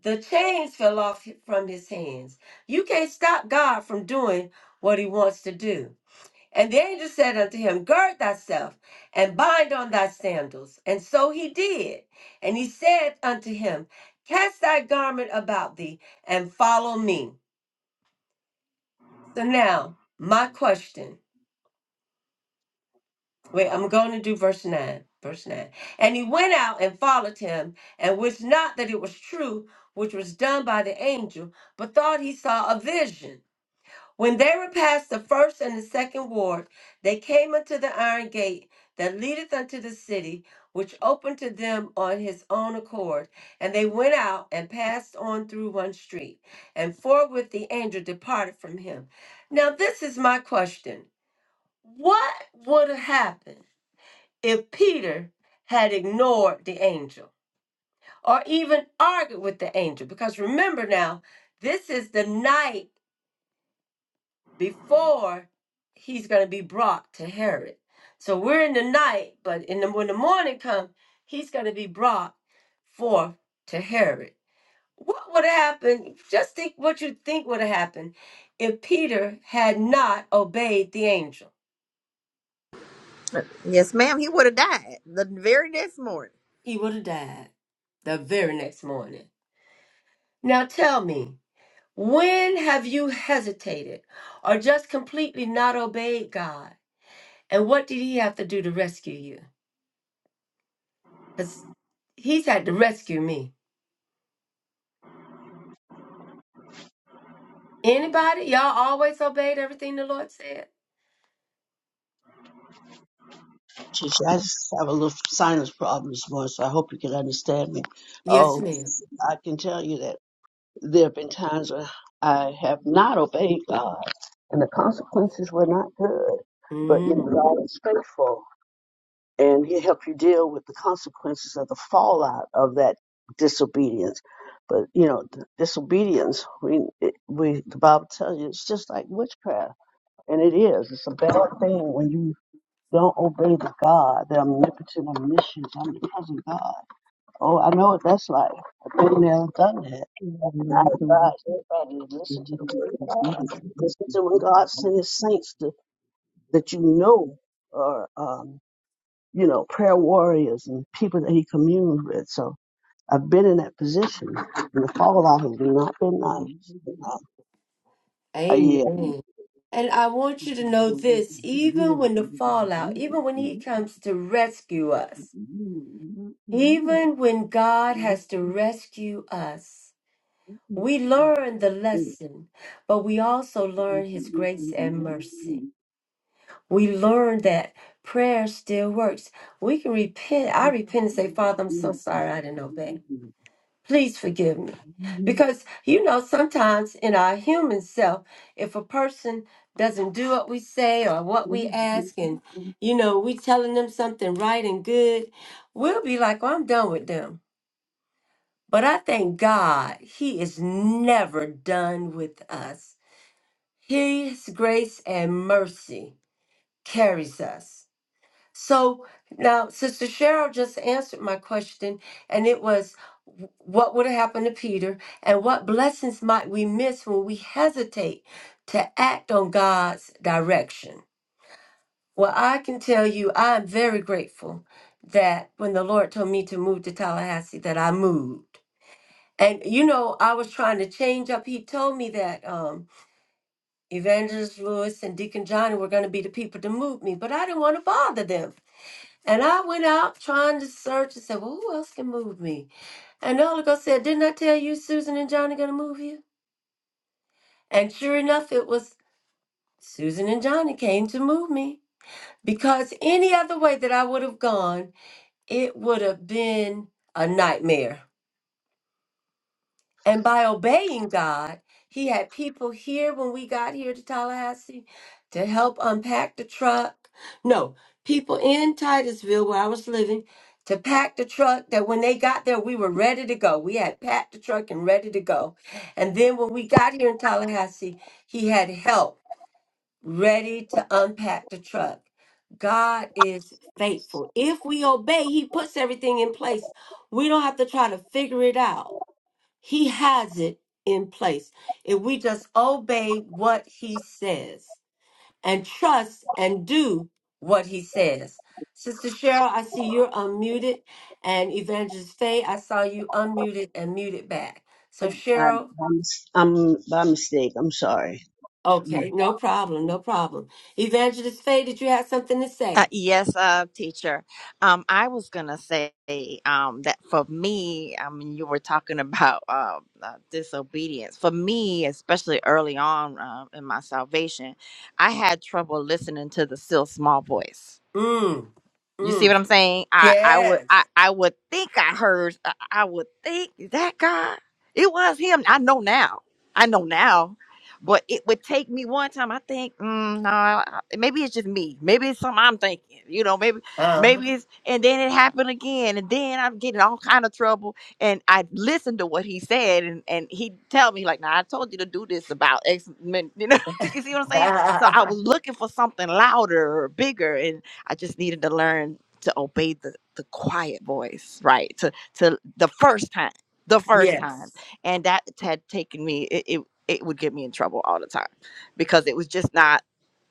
The chains fell off from his hands. You can't stop God from doing what He wants to do. And the angel said unto him, Gird thyself and bind on thy sandals. And so he did. And he said unto him, Cast thy garment about thee and follow me. So now, my question. Wait, I'm going to do verse 9. Verse 9. And he went out and followed him, and wist not that it was true, which was done by the angel, but thought he saw a vision. When they were past the first and the second ward, they came unto the iron gate that leadeth unto the city, which opened to them on his own accord. And they went out and passed on through one street, and forthwith the angel departed from him. Now, this is my question What would have happened if Peter had ignored the angel or even argued with the angel? Because remember now, this is the night. before he's going to be brought to Herod. So we're in the night, but in the, when the morning comes, he's going to be brought forth to Herod. What would have happened? Just think what you think would have happened if Peter had not obeyed the angel.
Yes, ma'am. He would have died the very next morning.
He would have died the very next morning. Now tell me, when have you hesitated or just completely not obeyed God? And what did he have to do to rescue you? Because he's had to rescue me. Anybody? Y'all always obeyed everything the Lord said?
Jeez, I just have a little sinus problem this morning, so I hope you can understand me.
Yes,
Oh,
ma'am.
I can tell you that there have been times when I have not obeyed God, and the consequences were not good. But you know,
Mm,
God is faithful. and he'll help you deal with the consequences of the fallout of that disobedience. But you know, th- disobedience, we, it, we the Bible tells you it's just like witchcraft, and it is. It's a bad thing when you don't obey the God, the omnipotent, omniscient, omnipresent God. Oh, I know what that's like. I've been there, done that. And I advise everybody to listen to the word of God. Listen to when God sends saints to, that you know are um, you know, prayer warriors and people that he communed with. So I've been in that position, and the fallout has not been nice. Uh, uh, yeah,
amen. And I want you to know this even when the fallout, even when He comes to rescue us, even when God has to rescue us, we learn the lesson, but we also learn His grace and mercy. We learn that prayer still works. We can repent. I repent and say, Father, I'm so sorry I didn't obey. please forgive me. Because, you know, sometimes in our human self, if a person doesn't do what we say or what we ask, and,
you.
you know, we telling them something right and good, we'll be like, well, I'm done with them. But I thank God He is never done with us. His grace and mercy carries us. So now, Sister Cheryl just answered my question, and it was w- what would have happened to Peter, and what blessings might we miss when we hesitate to act on God's direction? Well, I can tell you, I am very grateful that when the Lord told me to move to Tallahassee, that I moved. And you know, I was trying to change up. He told me that um, Evangelist Lewis and Deacon Johnny were going to be the people to move me, but I didn't want to bother them. And I went out trying to search and said, Well, who else can move me? And the Holy Ghost said, Didn't I tell you Susan and Johnny gonna move you? And sure enough, it was Susan and Johnny came to move me. Because any other way that I would have gone, it would have been a nightmare. And by obeying God, He had people here when we got here to Tallahassee to help unpack the truck. No, people in Titusville where I was living to pack the truck that when they got there, we were ready to go. We had packed the truck and ready to go. And then when we got here in Tallahassee, He had help ready to unpack the truck. God is faithful. If we obey, He puts everything in place. We don't have to try to figure it out he has it in place. If we just obey what he says and trust and do what he says. Sister Cheryl, I see you're unmuted. And Evangelist Faye, I saw you unmuted and muted back.
I,
So,
I,
Cheryl,
I'm, I'm by mistake. I'm sorry.
okay, no problem, no problem. Evangelist Faye, did you have something to
Uh,
say?
yes, uh, teacher. Um, I was gonna say um, that for me, I mean, you were talking about uh, uh, disobedience. For me, especially early on uh, in my salvation, I had trouble listening to the still small voice
Mm,
you see
mm,
what I'm saying? I I would I
yes.
I would think I heard I, I would think that guy. It was him. I know now. I know now. But it would take me one time. I think, mm, no, I- I- maybe it's just me. Maybe it's something I'm thinking. You know, maybe,
Uh,
maybe it's. And then it happened again, and then I'm getting all kind of trouble. And I listened to what he said, and and he tell me like, "Nah, I told you to do this about X men." You know, you see what I'm saying? So I was looking for something louder or bigger, and. I just needed to learn to obey the, the quiet voice, right? To to the first time, the first time,
yes.
and that had taken me. It, it it would get me in trouble all the time because it was just not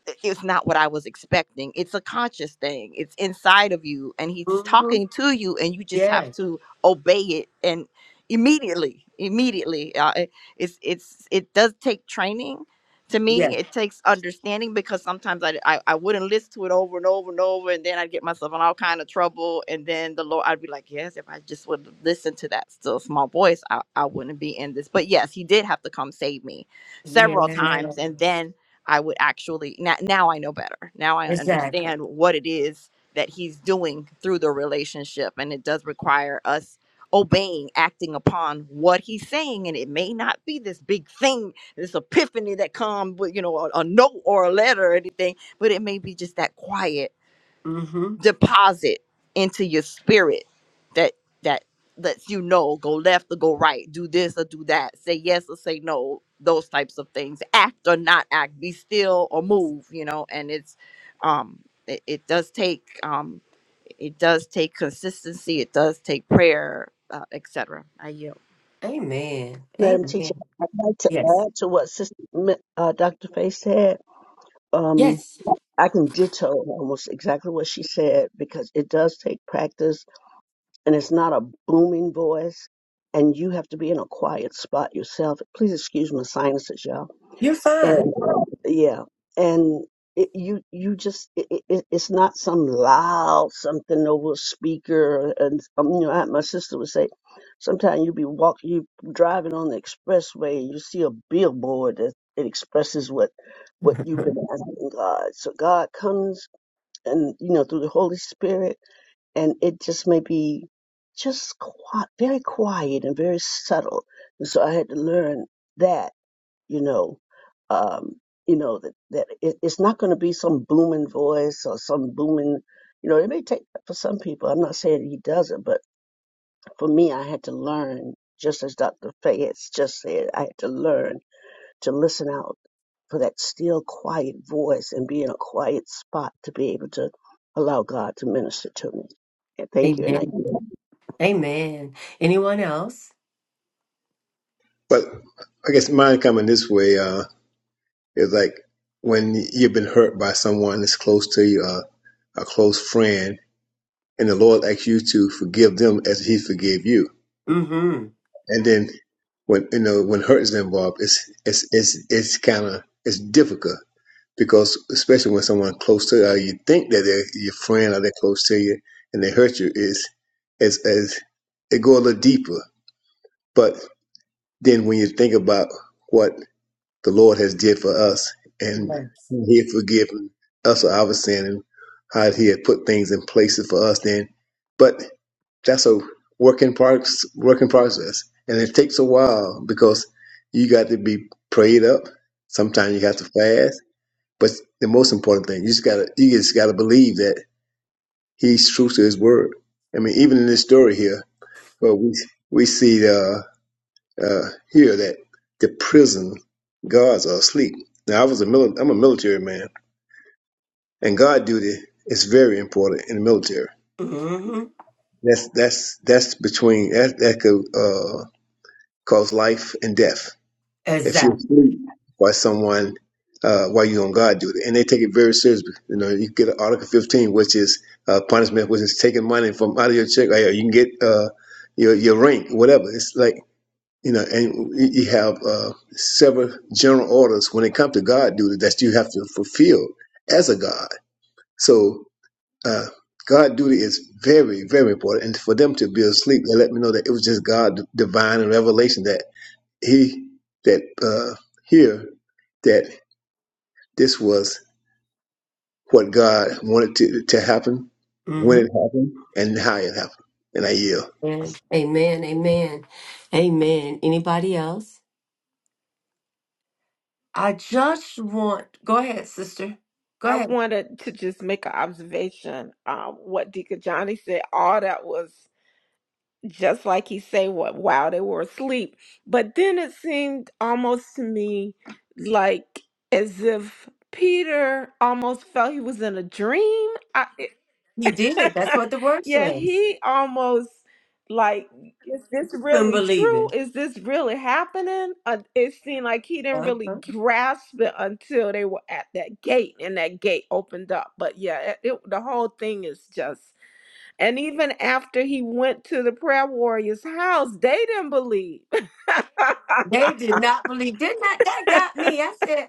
i- it's not what I was expecting. It's a conscious thing. It's inside of you and he's
hmm
talking to you and you just have
Yes,
to obey it and immediately immediately uh, it- it's it's it does take training to me it takes understanding because sometimes I, I i wouldn't listen to it over and over and over and then i'd get myself in all kind of trouble and then the lord i'd be like yes if i just would listen to that still small voice i, I wouldn't be in this but yes he did have to come save me several
yes,
times and
yes.
then I would actually now, now I know better. Now I
Exactly.
understand what it is that he's doing through the relationship and it does require us obeying, acting upon what he's saying and it may not be this big thing, this epiphany that comes with, you know, a, a note or a letter or anything, but it may be just that quiet
Mm-hmm.
deposit into your spirit that that lets you know go left or go right do this or do that say yes or say no those types of things act or not act be still or move you know and it's um it, it does take um it does take consistency it does take prayer uh, etc i yield
Amen.
Madam Teacher,
Amen.
I'd like to
Yes.
add to what Sister, Mi- uh, Dr. Faye said. Um,
Yes.
I can ditto almost exactly what she said because it does take practice and it's not a booming voice and you have to be in a quiet spot yourself. Please excuse my sinuses, y'all
You're
and
fine.
yeah and it, you you just it, it, it's not some loud something over a speaker and um, you know I, my sister would say sometimes you be walking you driving on the expressway and you see a billboard that it expresses what what you've been asking God so God comes and you know through the Holy Spirit and it just may be just quiet, very quiet and very subtle and so I had to learn that you know, um, you know that that it, it's not going to be some booming voice or some booming, you know. It may take that for some people. I'm not saying he doesn't, but for me, I had to learn, just as Dr. Faye has just said, I had to learn to listen out for that still quiet voice and be in a quiet spot to be able to allow God to minister to me. And thank you, and I.
Amen. Amen. Anyone else?
But I guess mine coming this way. Uh, It's like when you've been hurt by someone that's close to you, uh, a close friend, and the Lord asks you to forgive them as He forgave you.
Mm-hmm.
And then when you know when hurt is involved, it's it's it's it's kind of it's difficult because especially when someone close to you, you think that they're your friend or they're close to you, and they hurt you. Is it's as it go a little deeper. But then when you think about what the Lord has did for us, and
Yes.
He had forgiven us of our sin and how He had put things in places for us. Then, but that's a work in progress, work in process, and it takes a while because you got to be prayed up. Sometimes you have to fast, but the most important thing you just gotta you just gotta believe that He's true to His word. I mean, even in this story here, well, we we see uh, uh, here that the prison guards are asleep. Now I was a mili- I'm a military man, and guard duty is very important in the military.
Mm-hmm.
That's that's that's between that that could uh, cause life and death if you're
Exactly.
asleep by someone uh, while you're on guard duty, and they take it very seriously. You know, you get Article 15, which is uh, punishment, which is taking money from out of your check. Or you can get uh, your your rank, whatever. It's like you know, and you have uh, several general orders when it comes to God duty that you have to fulfill as a God. So uh, God duty is very, very important. And for them to be asleep, they let me know that it was just God divine and revelation that He that uh, here that this was what God wanted to to happen when it
Mm-hmm.
happened and how it happened. And I yield.
Amen. Amen. Amen. Amen. Anybody else? I just want go ahead, sister. Go
I
ahead.
wanted to just make an observation. Um, what Deacon Johnny said, all that was just like he said, what while they were asleep. But then it seemed almost to me like as if Peter almost felt he was in a dream.
He did. That's what the word
yeah,
says.
he almost like, is this
Couldn't
really
believe
true?
it.
Is this really happening? Uh, it seemed like he didn't really
Uh-huh.
grasp it until they were at that gate and that gate opened up. But yeah, it, it- the whole thing is just, and even after he went to the prayer warrior's house, they didn't believe.
They did not believe. Did not that got me? I said,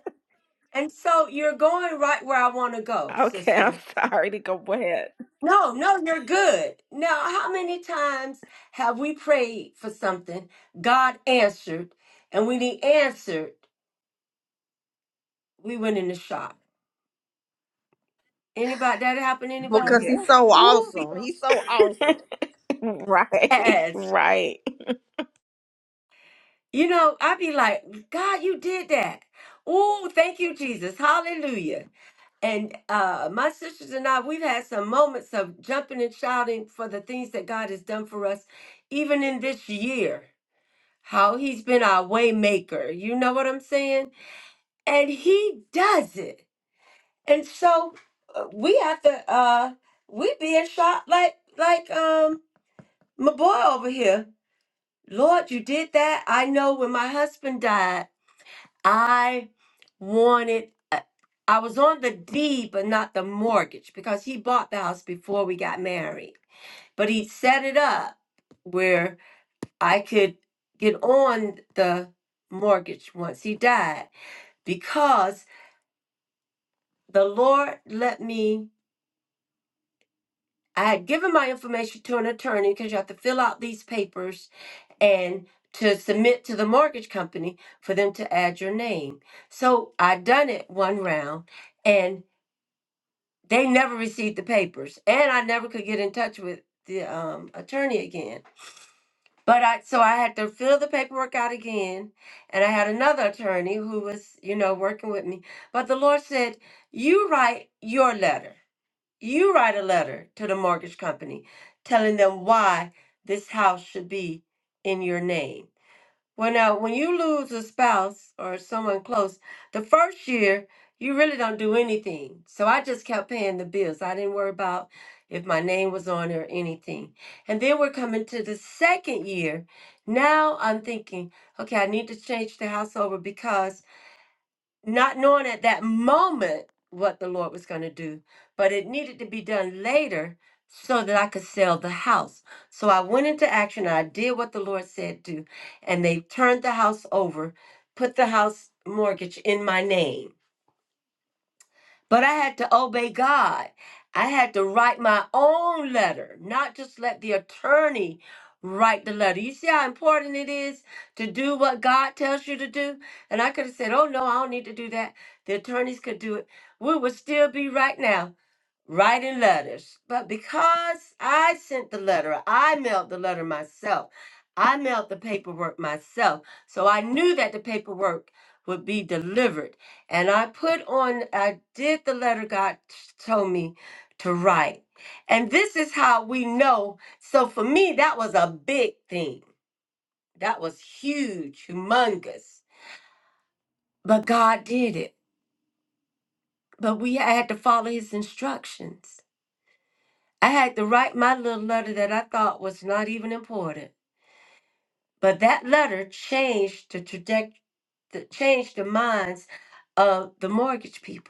And so you're going right where I want to go,
Okay, I'm
sister.
sorry to go ahead.
No, no, you're good. Now, how many times have we prayed for something, God answered, and when He answered, we went in the shop. Anybody that happened? to
because
Anybody?
Yeah.
he's so
Ooh, we
awesome
go,
he's so awesome
Right,
yes.
right.
You know, I'd be like, God, you did that. Ooh, thank you, Jesus. Hallelujah. And uh, my sisters and I, we've had some moments of jumping and shouting for the things that God has done for us, even in this year. How he's been our way maker. You know what I'm saying? And he does it. And so uh, we have to uh we being shot like like um my boy over here. Lord, you did that. I know when my husband died, I. wanted uh, I was on the deed but not the mortgage because he bought the house before we got married. But he set it up where I could get on the mortgage once he died because the Lord let me I had given my information to an attorney because you have to fill out these papers and to submit to the mortgage company for them to add your name. So I done it one round and. They never received the papers, and I never could get in touch with the um, attorney again. But I so I had to fill the paperwork out again, and I had another attorney who was you know working with me. But the Lord said, "You write your letter. You write a letter to the mortgage company, telling them why this house should be in your name." Well, now, when you lose a spouse or someone close, the first year you really don't do anything. So I just kept paying the bills. I didn't worry about if my name was on it or anything. And then we're coming to the second year. Now I'm thinking, okay, I need to change the house over because not knowing at that moment what the Lord was going to do, but it needed to be done later so that I could sell the house. So I went into action. I did what the Lord said do, and they turned the house over, put the house mortgage in my name. But I had to obey God. I had to write my own letter, not just let the attorney write the letter. You see how important it is to do what God tells you to do? And I could have said, oh, no, I don't need to do that. The attorneys could do it. We would still be right now writing letters. But because I sent the letter, I mailed the letter myself. I mailed the paperwork myself. So I knew that the paperwork would be delivered. And I put on, I did the letter God t- told me to write. And this is how we know. So for me, that was a big thing. That was huge, humongous. But God did it. But we had to follow his instructions. I had to write my little letter that I thought was not even important. But that letter changed the trajectory, changed the minds of the mortgage people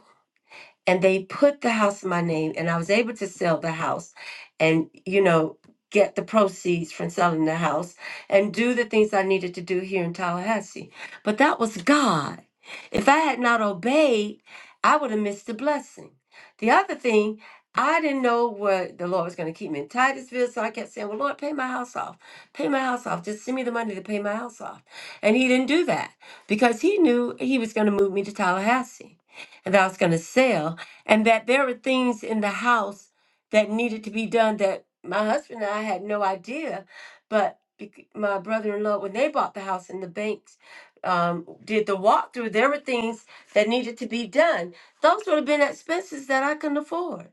and they put the house in my name and i was able to sell the house and you know get the proceeds from selling the house and do the things i needed to do here in tallahassee but that was god if i had not obeyed i would have missed the blessing the other thing I didn't know what the Lord was going to keep me in Titusville, so I kept saying, Well, Lord, pay my house off. Pay my house off. Just send me the money to pay my house off. And He didn't do that because He knew He was going to move me to Tallahassee and that I was going to sell and that there were things in the house that needed to be done that my husband and I had no idea. But bec- my brother-in-law, when they bought the house and the banks um, did the walkthrough, there were things that needed to be done. Those would have been expenses that I couldn't afford.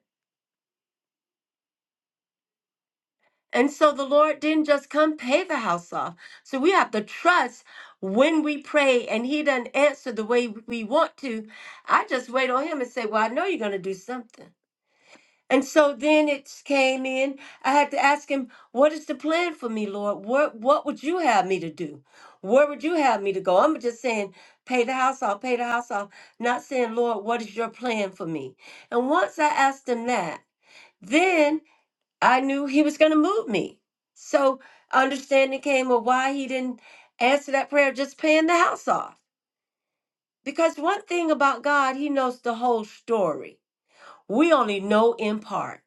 And so the Lord didn't just come pay the house off. So we have to trust when we pray and He doesn't answer the way we want to. I just wait on Him and say, Well, I know you're going to do something. And so then it came in. I had to ask him, "What is the plan for me, Lord? What what would you have me to do? Where would you have me to go?" I'm just saying, "Pay the house off, pay the house off," not saying, "Lord, what is your plan for me?" And once I asked him that, then I knew he was going to move me. So understanding came of why he didn't answer that prayer, of just paying the house off. Because one thing about God, He knows the whole story. We only know in part.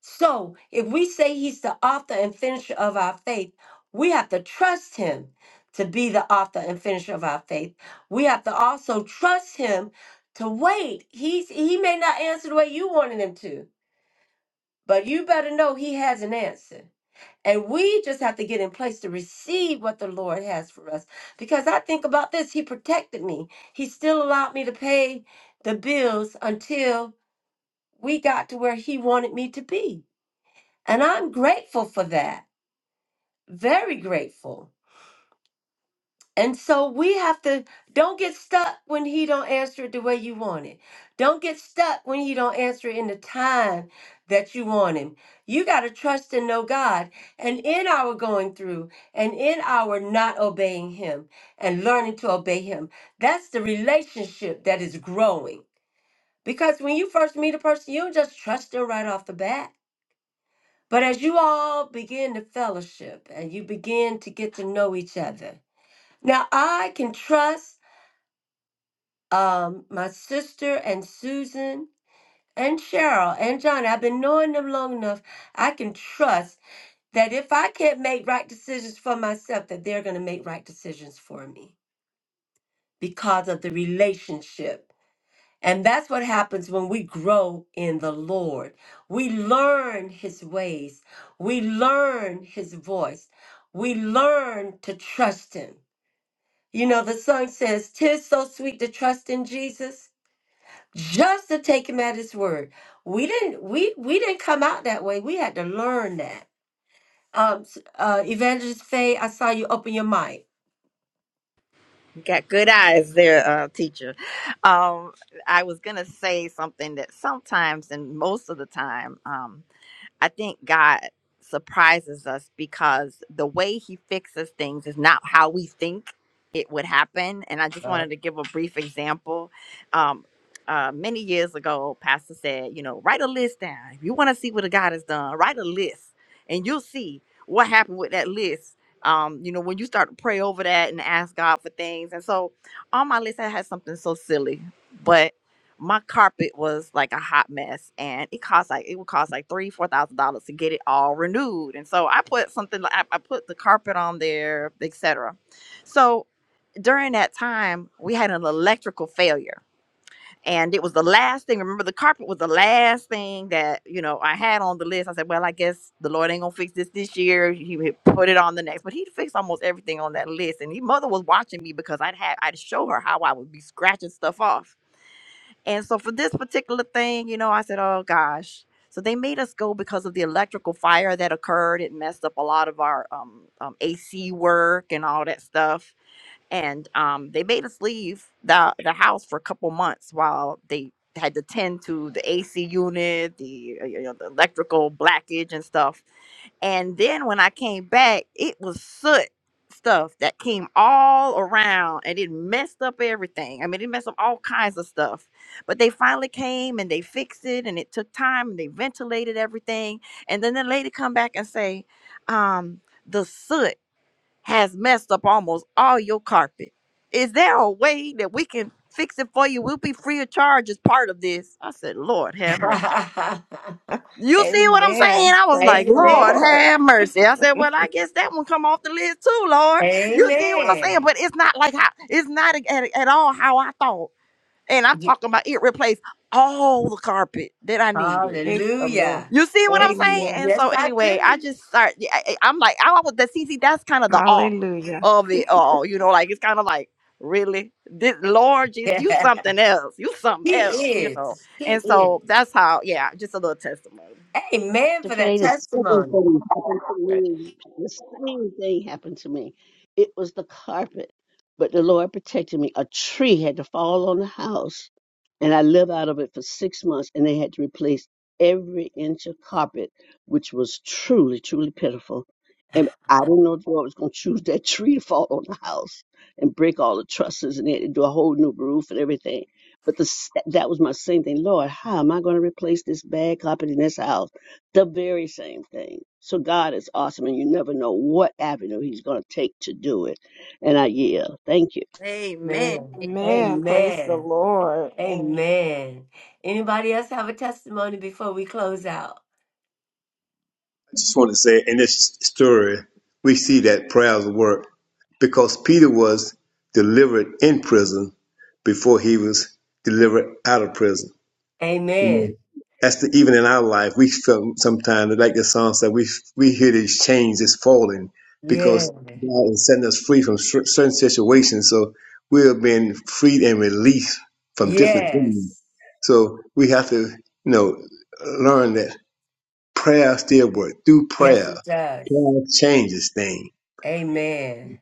So, if we say he's the author and finisher of our faith, we have to trust him to be the author and finisher of our faith. We have to also trust him to wait. He's he may not answer the way you wanted him to, but you better know he has an answer. And we just have to get in place to receive what the Lord has for us. Because I think about this, he protected me. He still allowed me to pay the bills until we got to where he wanted me to be. And I'm grateful for that. Very grateful. And so we have to don't get stuck when he don't answer it the way you want it. Don't get stuck when he don't answer it in the time that you want him. You got to trust and know God and in our going through and in our not obeying him and learning to obey him. That's the relationship that is growing. Because when you first meet a person, you don't just trust them right off the bat But as you all begin to fellowship and you begin to get to know each other, now I can trust um, my sister and Susan and Cheryl and Johnny. I've been knowing them long enough. I can trust that if I can't make right decisions for myself, that they're going to make right decisions for me because of the relationship And that's what happens when we grow in the Lord. We learn his ways, we learn his voice, we learn to trust him. You know, the song says, Tis so sweet to trust in Jesus. Just to take him at his word. We didn't we we didn't come out that way. We had to learn that. Um s- uh Evangelist Faye, I saw you open your mic.
You got good eyes there, uh, teacher. Um, I was going to say something that sometimes and most of the time, um, I think God surprises us because the way he fixes things is not how we think it would happen. And I just
Uh.
wanted to give a brief example. Um, uh, many years ago, Pastor said, you know, write a list down. If you want to see what a God has done, write a list and you'll see what happened with that list. Um, you know, when you start to pray over that and ask God for things. And so on my list, I had something so silly. but my carpet was like a hot mess and it cost like it would cost like three four thousand dollars to get it all renewed and so i put something like i, I put the carpet on there etc so during that time we had an electrical failure and it was the last thing remember the carpet was the last thing that you know i had on the list i said well i guess the lord ain't gonna fix this this year he would put it on the next but he fixed almost everything on that list and his mother was watching me because i'd had i'd show her how i would be scratching stuff off and so for this particular thing, you know, I said, oh gosh. So they made us go because of the electrical fire that occurred. It messed up a lot of our um, um, AC work and all that stuff and um, they made us leave the the house for a couple months while they had to tend to the AC unit, the uh, you know the electrical blackage and stuff. And then when I came back, it was soot stuff that came all around and it messed up everything. I mean, it messed up all kinds of stuff. But they finally came and they fixed it and it took time and they ventilated everything. And then the lady come back and say, um, the soot has messed up almost all your carpet. Is there a way that we can fix it for you? We'll be free of charge as part of this. I said, Lord have mercy. You see what I'm saying?
Amen.
I was
Praise
like,
the
Lord
Amen.
Lord.
have mercy. I said, well, I guess that one come off the list too, Lord. You see what I'm saying?
Amen.
But it's not like how it's not at, at all how I thought. And I'm talking about it replaced all the carpet that I needed.
Praise the Lord.
Hallelujah.
You see what I'm saying?
Amen.
And
Yes,
so
I
anyway, I
do.
just start. yeah, I, I- I'm like, I would the CC. That's kind of the awe
Hallelujah.
of it all. You know, like it's kind of like really, this Lord Jesus, you something else. You something
he
else. You know.
is. He
And
is.
so that's how. Yeah, just a little testimony.
Amen
To
for that
the same thing
testimony.
happened to me. The same thing happened to me. It was the carpet, but the Lord protected me. A tree had to fall on the house, and I lived out of it for six months, and they had to replace every inch of carpet, which was truly, truly pitiful. And I didn't know the Lord was going to choose that tree to fall on the house and break all the trusses, and they had to do a whole new roof and everything. But the, s- that was my same thing. Lord, how am I going to replace this bad carpet in this house? The very same thing. So God is awesome, and you never know what avenue He's going to take to do it. And I yield. Thank you.
Amen.
Man.
Amen.
Amen. Praise the
Amen.
Lord. Amen.
Amen. Anybody else have a testimony before we close out?
just want to say in this story, we see that prayers work because Peter was delivered in prison before he was delivered out of prison. Amen.
Amen.
That's the, even in our life, we feel sometimes, like the song said, we we hear these chains is falling
Yeah.
because God is setting us free from cer- certain situations. So we are being freed and released from different things.
Yes.
So we have to, you know, learn that prayer still works. Through
Yes,
prayer,
it does.
God changes things.
Amen.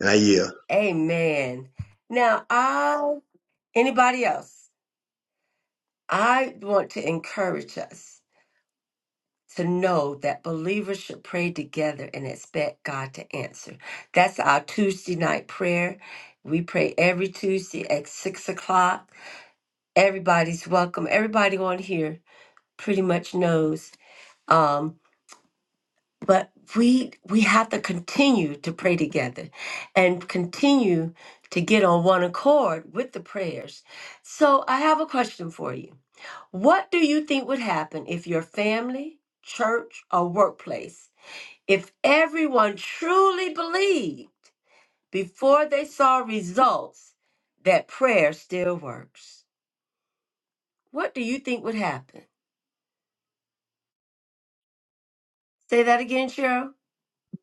And I yield.
Amen. Now I anybody else, I want to encourage us. to know that believers should pray together and expect God to answer. That's our Tuesday night prayer. We pray every Tuesday at six o'clock. Everybody's welcome. Everybody on here pretty much knows. Um, but we we have to continue to pray together and continue to get on one accord with the prayers. So I have a question for you. What do you think would happen if your family, church, or workplace If everyone truly believed before they saw results that prayer still works, what do you think would happen? Say that again, Cheryl.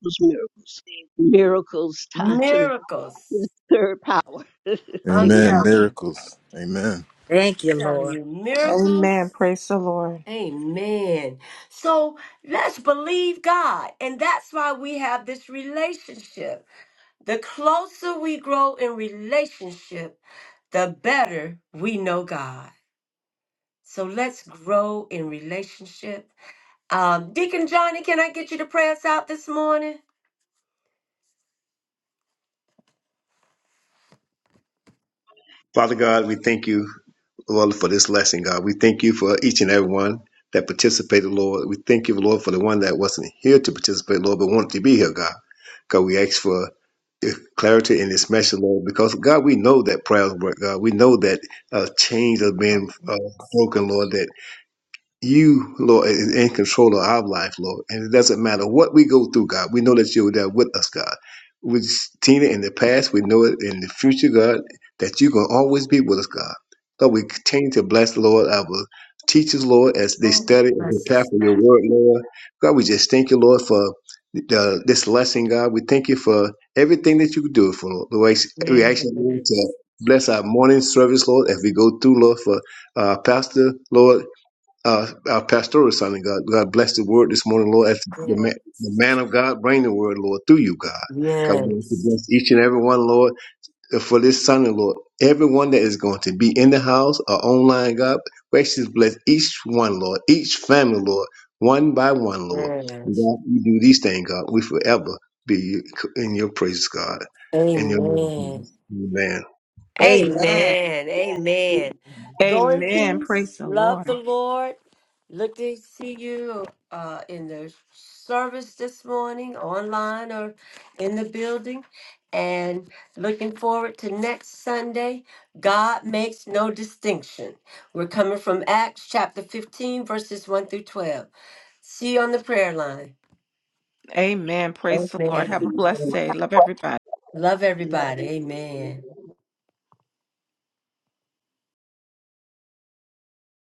Those miracles, miracles, time to the to
Miracles.
the third power.
I'm
Amen.
Amen.
telling you.
Miracles. Amen.
Thank
I'm
you,
telling
Lord.
you,
Amen.
miracles.
Praise the Lord.
Amen. So let's believe God. And that's why we have this relationship. The closer we grow in relationship, the better we know God. So let's grow in relationship Um, Deacon Johnny, can I get you to pray us out this morning?
Father God, we thank you, Lord, for this lesson, God. We thank you for each and every one that participated, Lord. We thank you, Lord, for the one that wasn't here to participate, Lord, but wanted to be here, God. God, we ask for clarity in this message, Lord, because God, we know that prayers work, God. We know that uh, chains are being
Oh,
uh, broken, Lord, that you, Lord, is in control of our life, Lord. And it doesn't matter what we go through, God. We know that you're there with us, God. We With it in the past, we know it in the future, God, that you're going to always be with us, God. Lord, we continue to bless, Lord, our teachers, Lord, as they
oh,
study and
bless
prepare
us,
for your
God.
word, Lord. God, we just thank you, Lord, for uh, this lesson, God. We thank you for everything that you do for, Lord. We ask we
Yes,
ask you, Lord, to bless our morning service, Lord, as we go through, Lord, for uh, Pastor, Lord uh, our pastoral son of God. God bless the word this morning, Lord. As the man,
yes,
the man of God, bring the word, Lord, through you, God. God
yes,
bless each and every one, Lord, uh, for this Sunday, Lord. Everyone that is going to be in the house or online, God, gracious bless each one, Lord, each family, Lord, one by one, Lord. And
yes.
God, we do these things, God. We forever be in your praises, God. In your name,
Amen.
Jesus. Amen.
Amen.
Amen. Amen. Go in
Amen.
peace.
Praise the
Love the
Lord.
Lord. Look to see you uh, in the service this morning, online or in the building, and looking forward to next Sunday. God makes no distinction. We're coming from Acts chapter 15, verses 1 through 12. See you on the prayer line.
Amen. Praise the Lord. Have a
Amen.
blessed
Amen.
day. Love everybody.
Love
Love
everybody. Amen.
you.